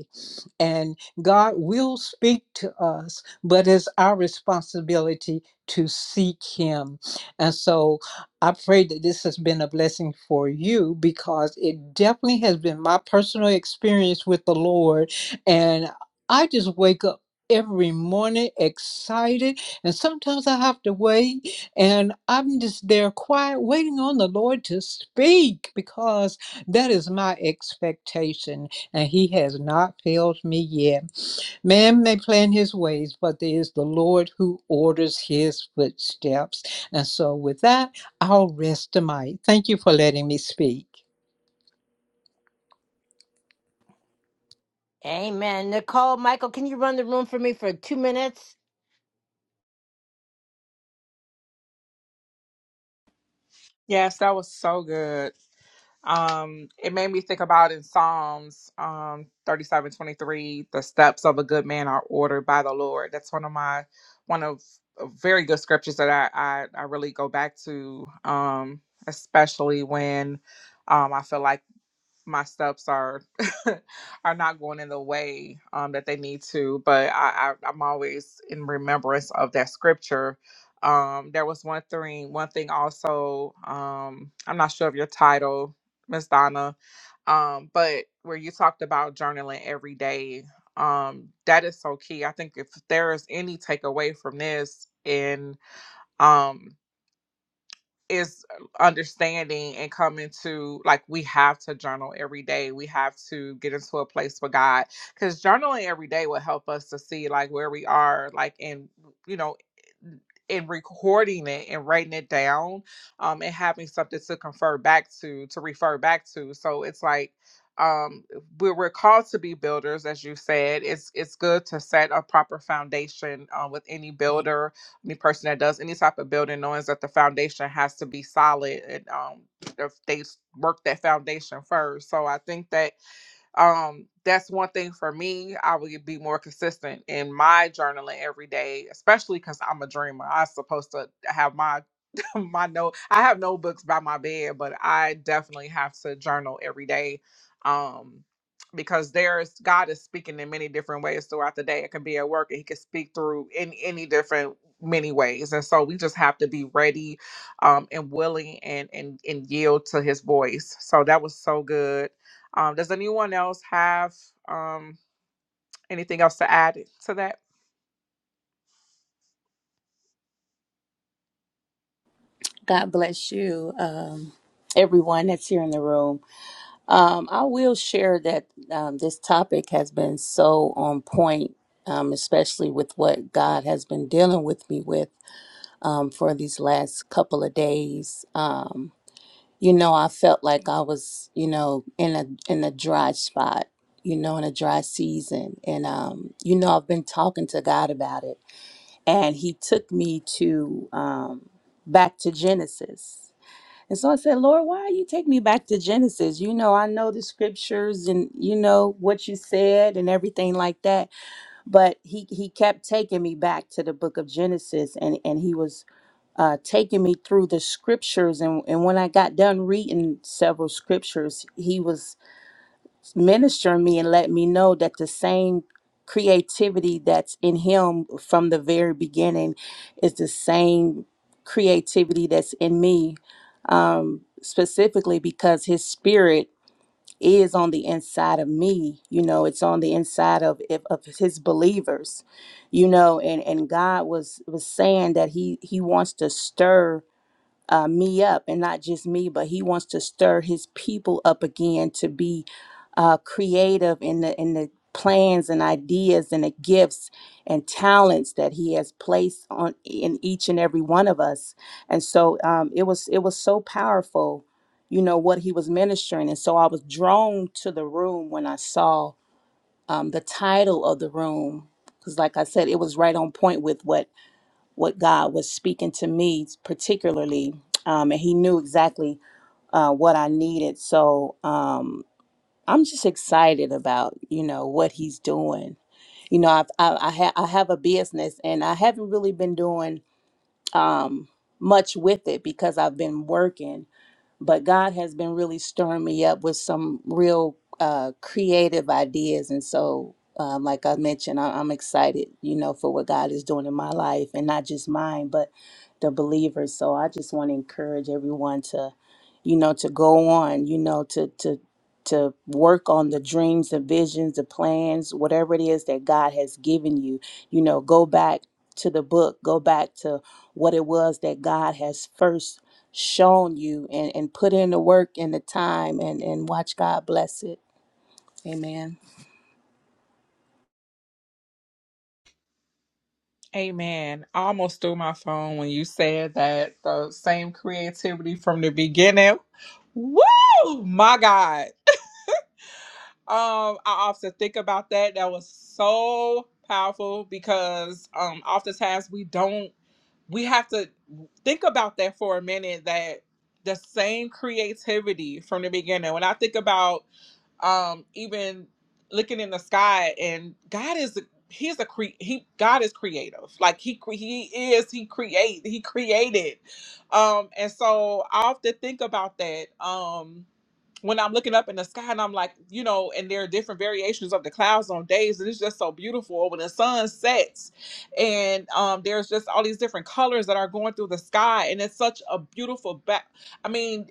S6: And God will speak to us, but it's our responsibility to seek Him. And so I pray that this has been a blessing for you because it definitely has been my personal experience with the Lord. And I just wake up every morning excited and sometimes i have to wait and i'm just there quiet waiting on the lord to speak because that is my expectation and he has not failed me yet. Man may plan his ways, but there is the Lord who orders his footsteps. And so, with that, I'll rest the mic. Thank you for letting me speak.
S1: amen nicole michael can you run the room for me for two minutes
S2: yes that was so good Um, it made me think about in Psalms um thirty-seven twenty-three, the steps of a good man are ordered by the Lord. That's one of my one of of very good scriptures that I I, I really go back to, um, especially when um I feel like my steps are are not going in the way um, that they need to. But I, I, I'm always in remembrance of that scripture. Um, there was one thing, one thing also. Um, I'm not sure of your title, Miss Donna, um, but where you talked about journaling every day. Um, that is so key. I think if there is any takeaway from this, and um, is uh, understanding and coming to like we have to journal every day we have to get into a place with god because journaling every day will help us to see like where we are like in you know in recording it and writing it down um and having something to confer back to to refer back to so it's like um we're, we're called to be builders as you said it's it's good to set a proper foundation uh, with any builder any person that does any type of building knows that the foundation has to be solid and um if they work that foundation first so i think that um that's one thing for me i would be more consistent in my journaling every day especially because i'm a dreamer i'm supposed to have my my note. I have notebooks by my bed, but I definitely have to journal every day. Um because there's God is speaking in many different ways throughout the day. It can be at work and he can speak through in any different many ways. And so we just have to be ready um and willing and and and yield to his voice. So that was so good. Um does anyone else have um anything else to add to that?
S7: God bless you, um, everyone that's here in the room. Um, I will share that um, this topic has been so on point, um, especially with what God has been dealing with me with um, for these last couple of days. Um, you know, I felt like I was, you know, in a in a dry spot. You know, in a dry season, and um, you know, I've been talking to God about it, and He took me to um, back to Genesis and so I said, Lord, why you take me back to Genesis? You know, I know the scriptures and you know what you said and everything like that. But he he kept taking me back to the book of Genesis and and he was uh, taking me through the scriptures and, and when I got done reading several scriptures, he was minister me and let me know that the same creativity that's in him from the very beginning is the same creativity that's in me um, specifically because his spirit is on the inside of me you know it's on the inside of of of his believers you know and and god was was saying that he he wants to stir uh, me up, and not just me, but he wants to stir his people up again to be uh, creative in the in the plans and ideas and the gifts and talents that he has placed on in each and every one of us. And so um, it was it was so powerful, you know what he was ministering. And so I was drawn to the room when I saw um, the title of the room because, like I said, it was right on point with what what God was speaking to me, particularly, um, and He knew exactly uh, what I needed. So um, I'm just excited about you know what He's doing. You know, I've, I I, ha- I have a business, and I haven't really been doing um, much with it because I've been working but God has been really stirring me up with some real uh, creative ideas. And so, um, like I mentioned, I- I'm excited, you know, for what God is doing in my life and not just mine, but the believers. So I just want to encourage everyone to, you know, to go on, you know, to, to, to work on the dreams, the visions, the plans, whatever it is that God has given you. You know, go back to the book, go back to what it was that God has first shown you and, and put in the work and the time and, and watch God bless it. Amen.
S2: Amen. I almost threw my phone when you said that the same creativity from the beginning. Woo! My God. Um, I often think about that. That was so powerful because um oftentimes we don't we have to think about that for a minute that the same creativity from the beginning. When I think about um even looking in the sky and god is he's a cre he god is creative like he cre- he is he create he created um and so i often think about that um when I'm looking up in the sky and I'm like, you know, and there are different variations of the clouds on days, and it's just so beautiful when the sun sets, and um, there's just all these different colors that are going through the sky, and it's such a beautiful back. I mean,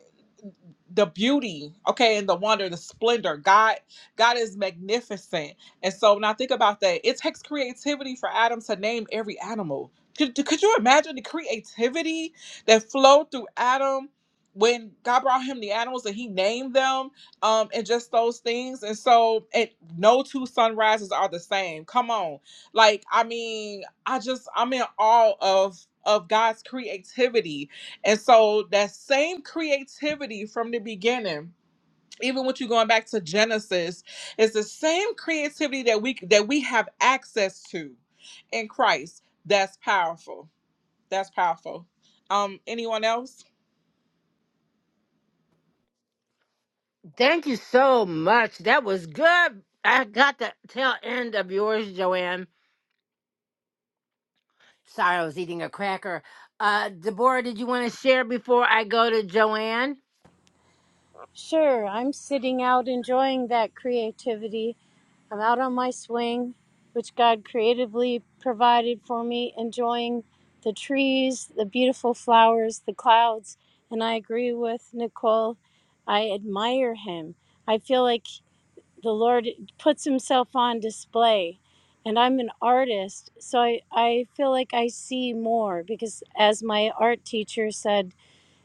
S2: the beauty, okay, and the wonder, the splendor. God, God is magnificent, and so when I think about that, it takes creativity for Adam to name every animal. Could, could you imagine the creativity that flowed through Adam? when God brought him the animals and he named them, um, and just those things. And so, and no two sunrises are the same. Come on, like I mean, I just I'm in awe of of God's creativity, and so that same creativity from the beginning. Even with you going back to Genesis, is the same creativity that we that we have access to in Christ. That's powerful. That's powerful. Um, anyone else?
S1: Thank you so much. That was good. I got the tail end of yours, Joanne. Sorry, I was eating a cracker. Uh, Deborah, did you want to share before I go to Joanne?
S8: Sure, I'm sitting out enjoying that creativity. I'm out on my swing, which God creatively provided for me, enjoying the trees, the beautiful flowers, the clouds. And I agree with Nicole. I admire him. I feel like the Lord puts himself on display. And I'm an artist, so I, I feel like I see more because, as my art teacher said,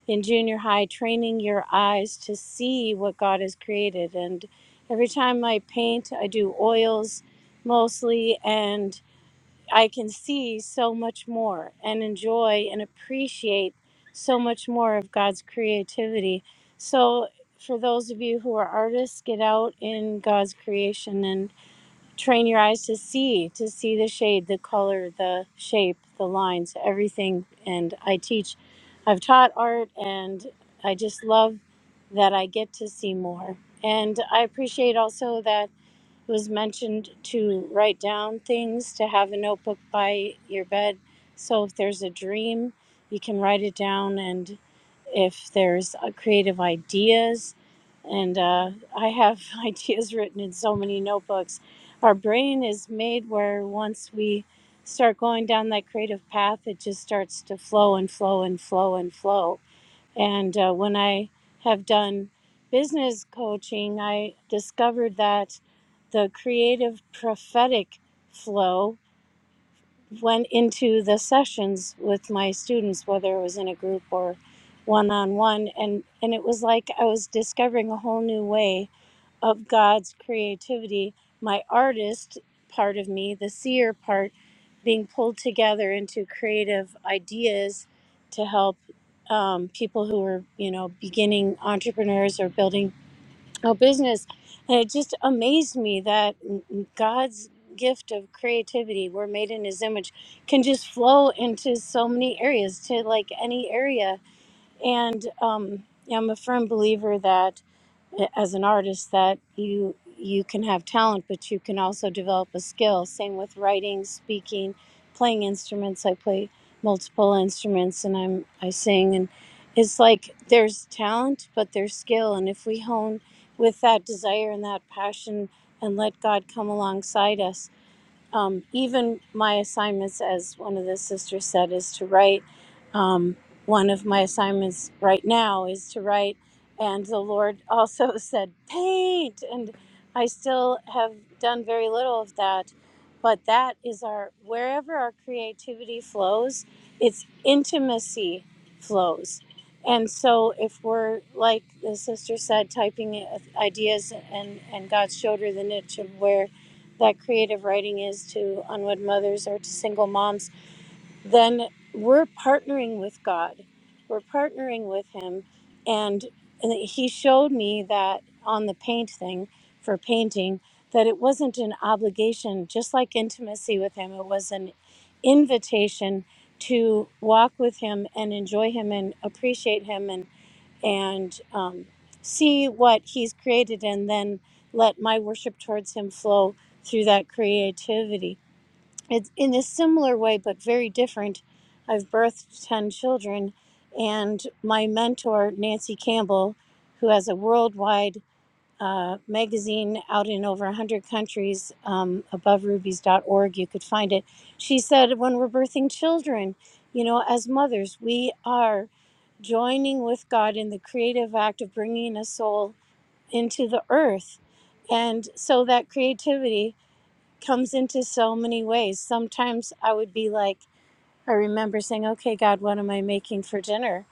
S8: in junior high, training your eyes to see what God has created. And every time I paint, I do oils mostly, and I can see so much more and enjoy and appreciate so much more of God's creativity. So, for those of you who are artists, get out in God's creation and train your eyes to see to see the shade the color the shape the lines everything and i teach i've taught art and i just love that i get to see more and i appreciate also that it was mentioned to write down things, to have a notebook by your bed. So if there's a dream, you can write it down. And if there's uh, creative ideas, and uh, I have ideas written in so many notebooks. Our brain is made where once we start going down that creative path, it just starts to flow and flow and flow and flow and uh, when I have done business coaching, I discovered that the creative prophetic flow went into the sessions with my students, whether it was in a group or one on one. And, and it was like I was discovering a whole new way of God's creativity, my artist part of me, the seer part, being pulled together into creative ideas to help um, people who are, you know, beginning entrepreneurs or building a business. And it just amazed me that God's gift of creativity, we're made in his image, can just flow into so many areas, to like any area. And um, I'm a firm believer that as an artist that you you can have talent but you can also develop a skill same with writing speaking playing instruments i play multiple instruments and i'm i sing and it's like there's talent but there's skill and if we hone with that desire and that passion and let god come alongside us um, even my assignments, as one of the sisters said, is to write. Um, one of my assignments right now is to write, and the Lord also said, paint. And I still have done very little of that, but that is our, wherever our creativity flows, its intimacy flows. And so, if we're like the sister said, typing i- ideas, and, and God showed her the niche of where that creative writing is to unwed mothers or to single moms, then we're partnering with God. We're partnering with Him. And, and He showed me that on the paint thing for painting, that it wasn't an obligation, just like intimacy with Him, it was an invitation to walk with Him and enjoy Him and appreciate Him and and um, see what he's created and then let my worship towards him flow through that creativity. It's in a similar way, but very different. I've birthed 10 children, and my mentor, Nancy Campbell, who has a worldwide uh, magazine out in over 100 countries um, above rubies.org, you could find it. She said, When we're birthing children, you know, as mothers, we are joining with God in the creative act of bringing a soul into the earth. And so that creativity comes into so many ways. Sometimes I would be like, I remember saying, "Okay, God, what am I making for dinner?"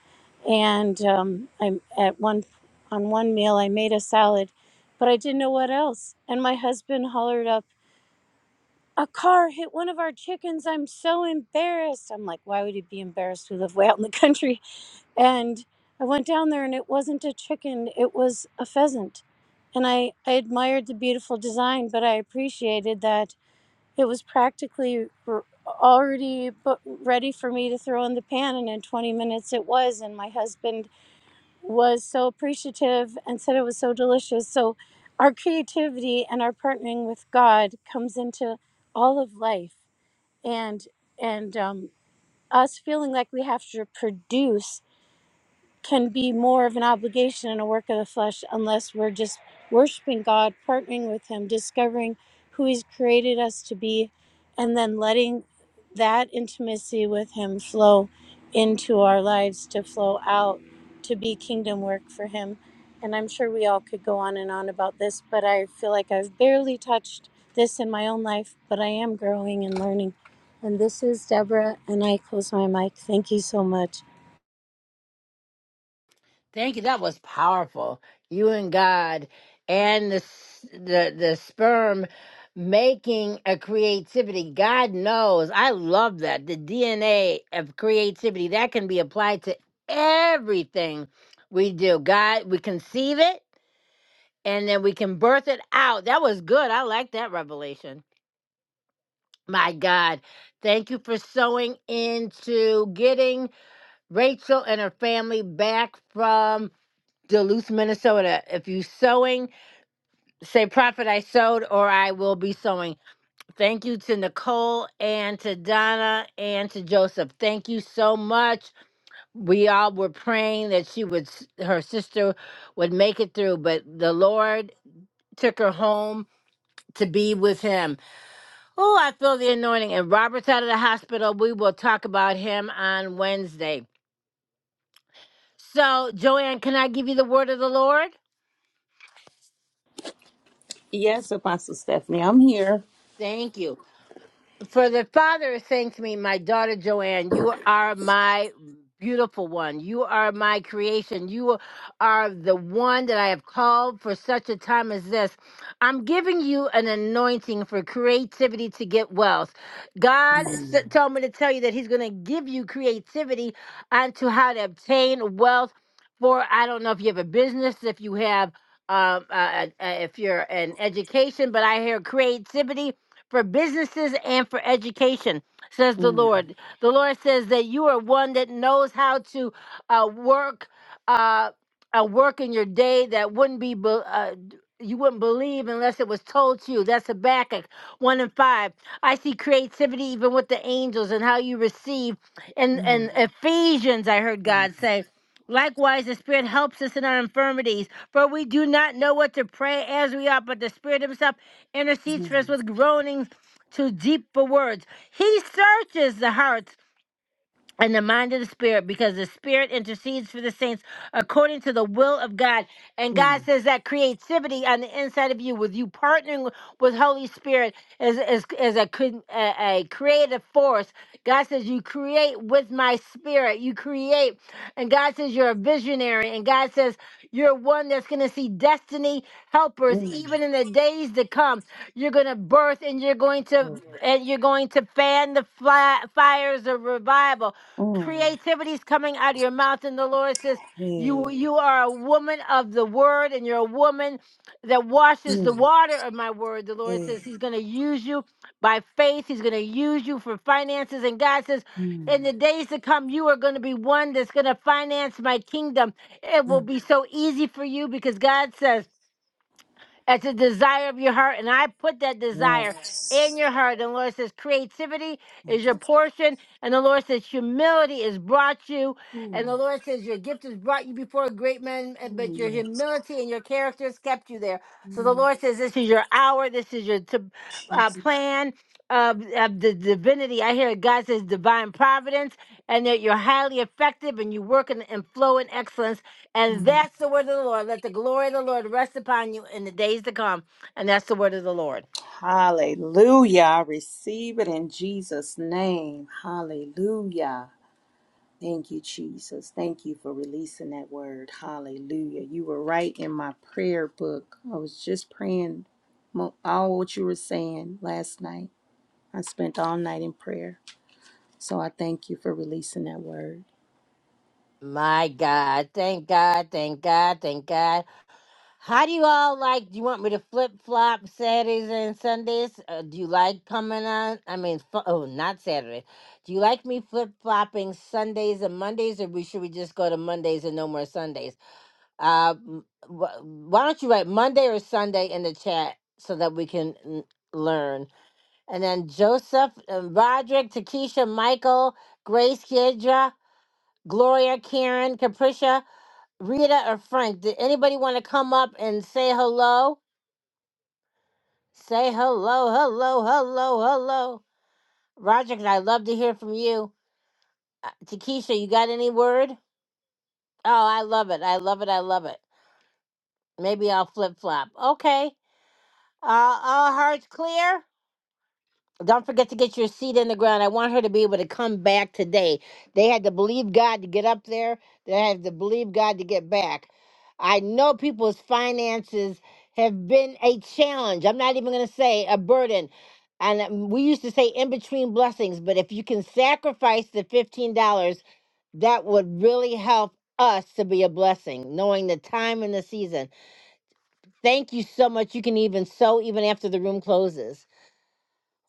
S8: And um, I'm at one on one meal, I made a salad, but I didn't know what else. And my husband hollered up, "A car hit one of our chickens! I'm so embarrassed." I'm like, "Why would you be embarrassed? We live way out in the country." And I went down there and it wasn't a chicken, it was a pheasant. And I, I admired the beautiful design, but I appreciated that it was practically r- already bu- ready for me to throw in the pan. And in 20 minutes it was. And my husband was so appreciative and said it was so delicious. So our creativity and our partnering with God comes into all of life. And, and, um, us feeling like we have to produce can be more of an obligation and a work of the flesh unless we're just worshiping God, partnering with Him, discovering who He's created us to be, and then letting that intimacy with Him flow into our lives to flow out to be kingdom work for Him. And I'm sure we all could go on and on about this, but I feel like I've barely touched this in my own life, but I am growing and learning. And this is Deborah, and I close my mic. Thank you so much.
S1: Thank you. That was powerful. You and God, and the s- the the sperm making a creativity. God knows. I love that the DNA of creativity that can be applied to everything we do. God, we conceive it and then we can birth it out. That was good. I like that revelation. My God. Thank you for sewing into getting Rachel and her family back from Duluth, Minnesota. If you sewing, say prophet I sewed, or I will be sewing. Thank you to Nicole and to Donna and to Joseph. Thank you so much. We all were praying that she would her sister would make it through, but the Lord took her home to be with him. Oh, I feel the anointing. And Robert's out of the hospital. We will talk about him on Wednesday. So, Joanne, can I give you the word of the Lord?
S7: Yes, Apostle Stephanie, I'm here.
S1: Thank you. For the Father is saying to me, My daughter Joanne, you are my beautiful one. You are my creation. You are the one that I have called for such a time as this. I'm giving you an anointing for creativity to get wealth. God s- told me to tell you that He's going to give you creativity onto how to obtain wealth. For I don't know if you have a business, if you have. Um, uh, uh, if you're in education, but I hear creativity for businesses and for education, says the
S7: Mm,
S1: Lord. The Lord says that you are one that knows how to uh, work. Uh, a work in your day that wouldn't be, be- uh, you wouldn't believe unless it was told to you. That's Habakkuk 1 and 5. I see creativity even with the angels and how you receive. And, and
S7: mm,
S1: Ephesians, I heard
S7: mm,
S1: God say. Likewise, the Spirit helps us in our infirmities, for we do not know what to pray as we ought, but the Spirit Himself
S7: mm,
S1: intercedes for us with groanings too deep for words. He searches the hearts and the mind of the spirit because the spirit intercedes for the saints according to the will of god and
S7: mm,
S1: god says that creativity on the inside of you with you partnering with holy spirit is, is, is a, cre- a, a creative force god says you create with my spirit you create and god says you're a visionary and god says you're one that's going to see destiny helpers
S7: mm,
S1: even in the days to come you're going to birth and you're going to
S7: mm,
S1: and you're going to fan the fly, fires of revival
S7: mm,
S1: Creativity's coming out of your mouth, and the Lord says,
S7: hey,
S1: you, you are a woman of the word, and you're a woman that washes the
S7: mm,
S1: water of my word. The Lord
S7: hey,
S1: says He's going to use you by faith. He's going to use you for finances. And God says,
S7: mm,
S1: in the days to come, you are going to be one that's going to finance my kingdom. It will
S7: mm,
S1: be so easy for you because God says. That's a desire of your heart. And I put that desire in
S7: Yes.
S1: your heart. And the Lord says, creativity
S7: Thank
S1: is your portion. And the Lord says, humility has brought you.
S7: you.
S1: And the
S7: Ooh,
S1: Lord says, your gift has brought you before great men, but your
S7: ooh, yes.
S1: humility and your character has kept you there. So the
S7: Ooh,
S1: Lord says, this is your hour. This is your t- uh,
S7: Jesus.
S1: plan of, of the divinity. I hear God says divine providence and that you're highly effective and you work in, and flow in excellence and that's the word of the Lord. Let the glory of the Lord rest upon you in the days to come. And that's the word of the Lord.
S7: Hallelujah. I receive it in Jesus' name. Hallelujah. Thank you, Jesus. Thank you for releasing that word. Hallelujah. You were right in my prayer book. I was just praying mo- all what you were saying last night. I spent all night in prayer. So I thank you for releasing that word.
S1: My God. Thank God. Thank God. Thank God. How do you all like? Do you want me to flip flop Saturdays and Sundays? Uh, do you like coming on? I mean, fu- oh, not Saturday. Do you like me flip flopping Sundays and Mondays, or we should we just go to Mondays and no more Sundays? Uh, m- wh- why don't you write Monday or Sunday in the chat so that we can mm, learn? And then Joseph, uh, Roderick, Takesha, Michael, Grace, Kiedra, Gloria, Karen, Capricia, Rita, or Frank. Did anybody want to come up and say hello? Say hello, hello, hello, hello. Roderick, I'd love to hear from you. Uh, Takesha, you got any word? Oh, I love it. I love it. I love it. Maybe I'll flip flop. Okay. Uh, all hearts clear? Don't forget to get your seed in the ground. I want her to be able to come back today. They had to believe God to get up there. They had to believe God to get back. I know people's finances have been a challenge. I'm not even going to say a burden. And um, we used to say in between blessings, but if you can sacrifice the $15, that would really help us to be a blessing, knowing the time and the season. Thank you so much. You can even sow even after the room closes.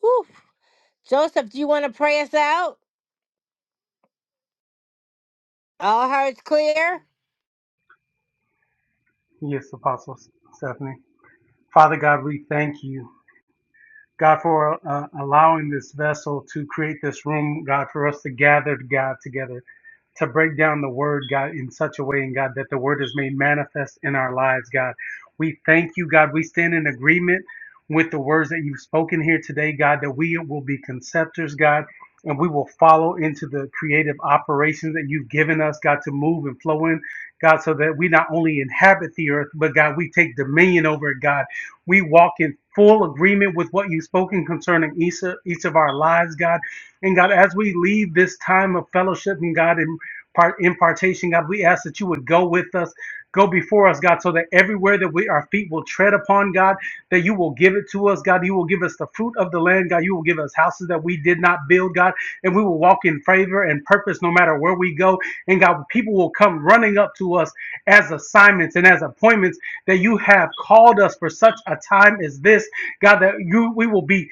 S1: Whew. Joseph, do you want to pray us out? All hearts clear?
S5: Yes, Apostle Stephanie. Father God, we thank you. God, for uh, allowing this vessel to create this room, God, for us to gather, God, together. to break down the word, God, in such a way, and God, that the word is made manifest in our lives, God. We thank you, God. We stand in agreement with the words that you've spoken here today, God, that we will be conceptors, God, and we will follow into the creative operations that you've given us, God, to move and flow in, God, so that we not only inhabit the earth, but God, we take dominion over it, God. We walk in full agreement with what you've spoken concerning each of, each of our lives, God. And God, as we leave this time of fellowship and God, and part impartation, God. We ask that you would go with us, go before us, God, so that everywhere that we our feet will tread upon, God, that you will give it to us, God. You will give us the fruit of the land, God. You will give us houses that we did not build, God, and we will walk in favor and purpose no matter where we go. And God, people will come running up to us as assignments and as appointments that you have called us for such a time as this, God, that you we will be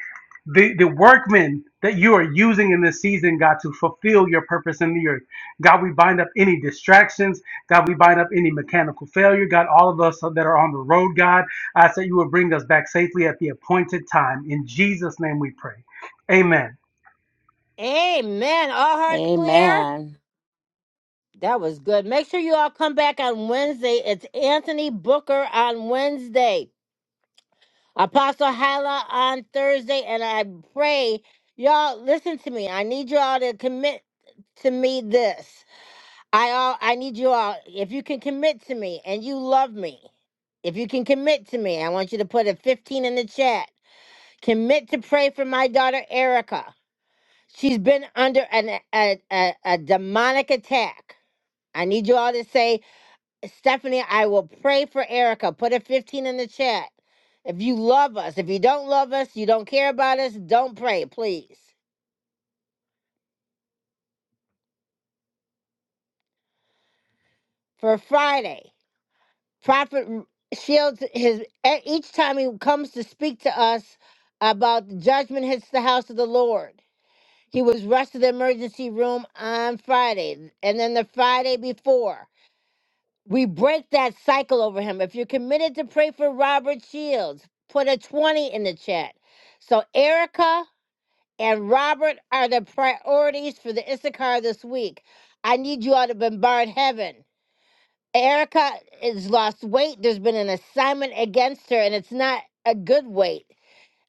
S5: the, the workmen that you are using in this season, God, to fulfill your purpose in the earth. God, we bind up any distractions. God, we bind up any mechanical failure. God, all of us that are on the road, God, I ask that you will bring us back safely at the appointed time. In Jesus' name we pray. Amen.
S1: Amen. All hearts clear?
S7: Amen.
S1: That was good. Make sure you all come back on Wednesday. It's Anthony Booker on Wednesday, Apostle Hala on Thursday, and I pray y'all listen to me. I need y'all to commit to me this. I all I need you all if you can commit to me and you love me. If you can commit to me, I want you to put a 15 in the chat. Commit to pray for my daughter Erica She's been under an, a, a, a demonic attack. I need you all to say, Stephanie, I will pray for Erica. Put a 15 in the chat. If you love us, if you don't love us, you don't care about us, don't pray, please. For Friday, Prophet Shields, his e- each time he comes to speak to us about the judgment hits the house of the Lord. He was rushed to the emergency room on Friday, and then the Friday before. We break that cycle over him. If you're committed to pray for Robert Shields, put a 20 in the chat. So Erica and Robert are the priorities for the Issachar this week. I need you all to bombard heaven. Erica has lost weight. There's been an assignment against her, and it's not a good weight.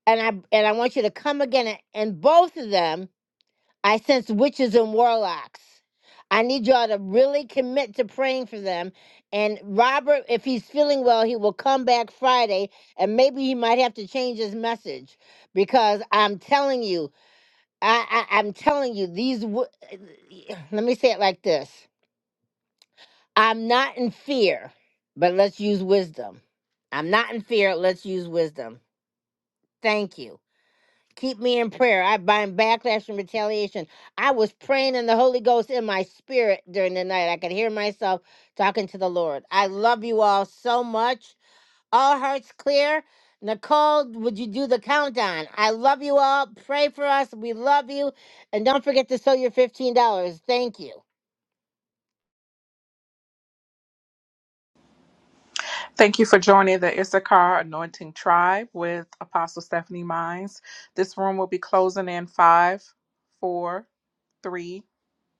S1: And I and I want you to come again and, and both of them. I sense witches and warlocks. I need y'all to really commit to praying for them. And Robert, if he's feeling well, he will come back Friday and maybe he might have to change his message because I'm telling you, I, I, I'm telling you, these, wo- let me say it like this I'm not in fear, but let's use wisdom. I'm not in fear, let's use wisdom. Thank you. Keep me in prayer. I bind backlash and retaliation. I was praying in the Holy Ghost in my spirit during the night. I could hear myself talking to the Lord. I love you all so much. All hearts clear. Nicole, would you do the countdown? I love you all. Pray for us. We love you. And don't forget to sew your $15. Thank you.
S2: Thank you for joining the Issachar Anointing Tribe with Apostle Stephanie Mines. This room will be closing in five, four, three,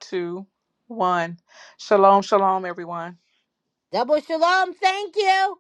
S2: two, one. Shalom, shalom, everyone.
S1: Double shalom. Thank you.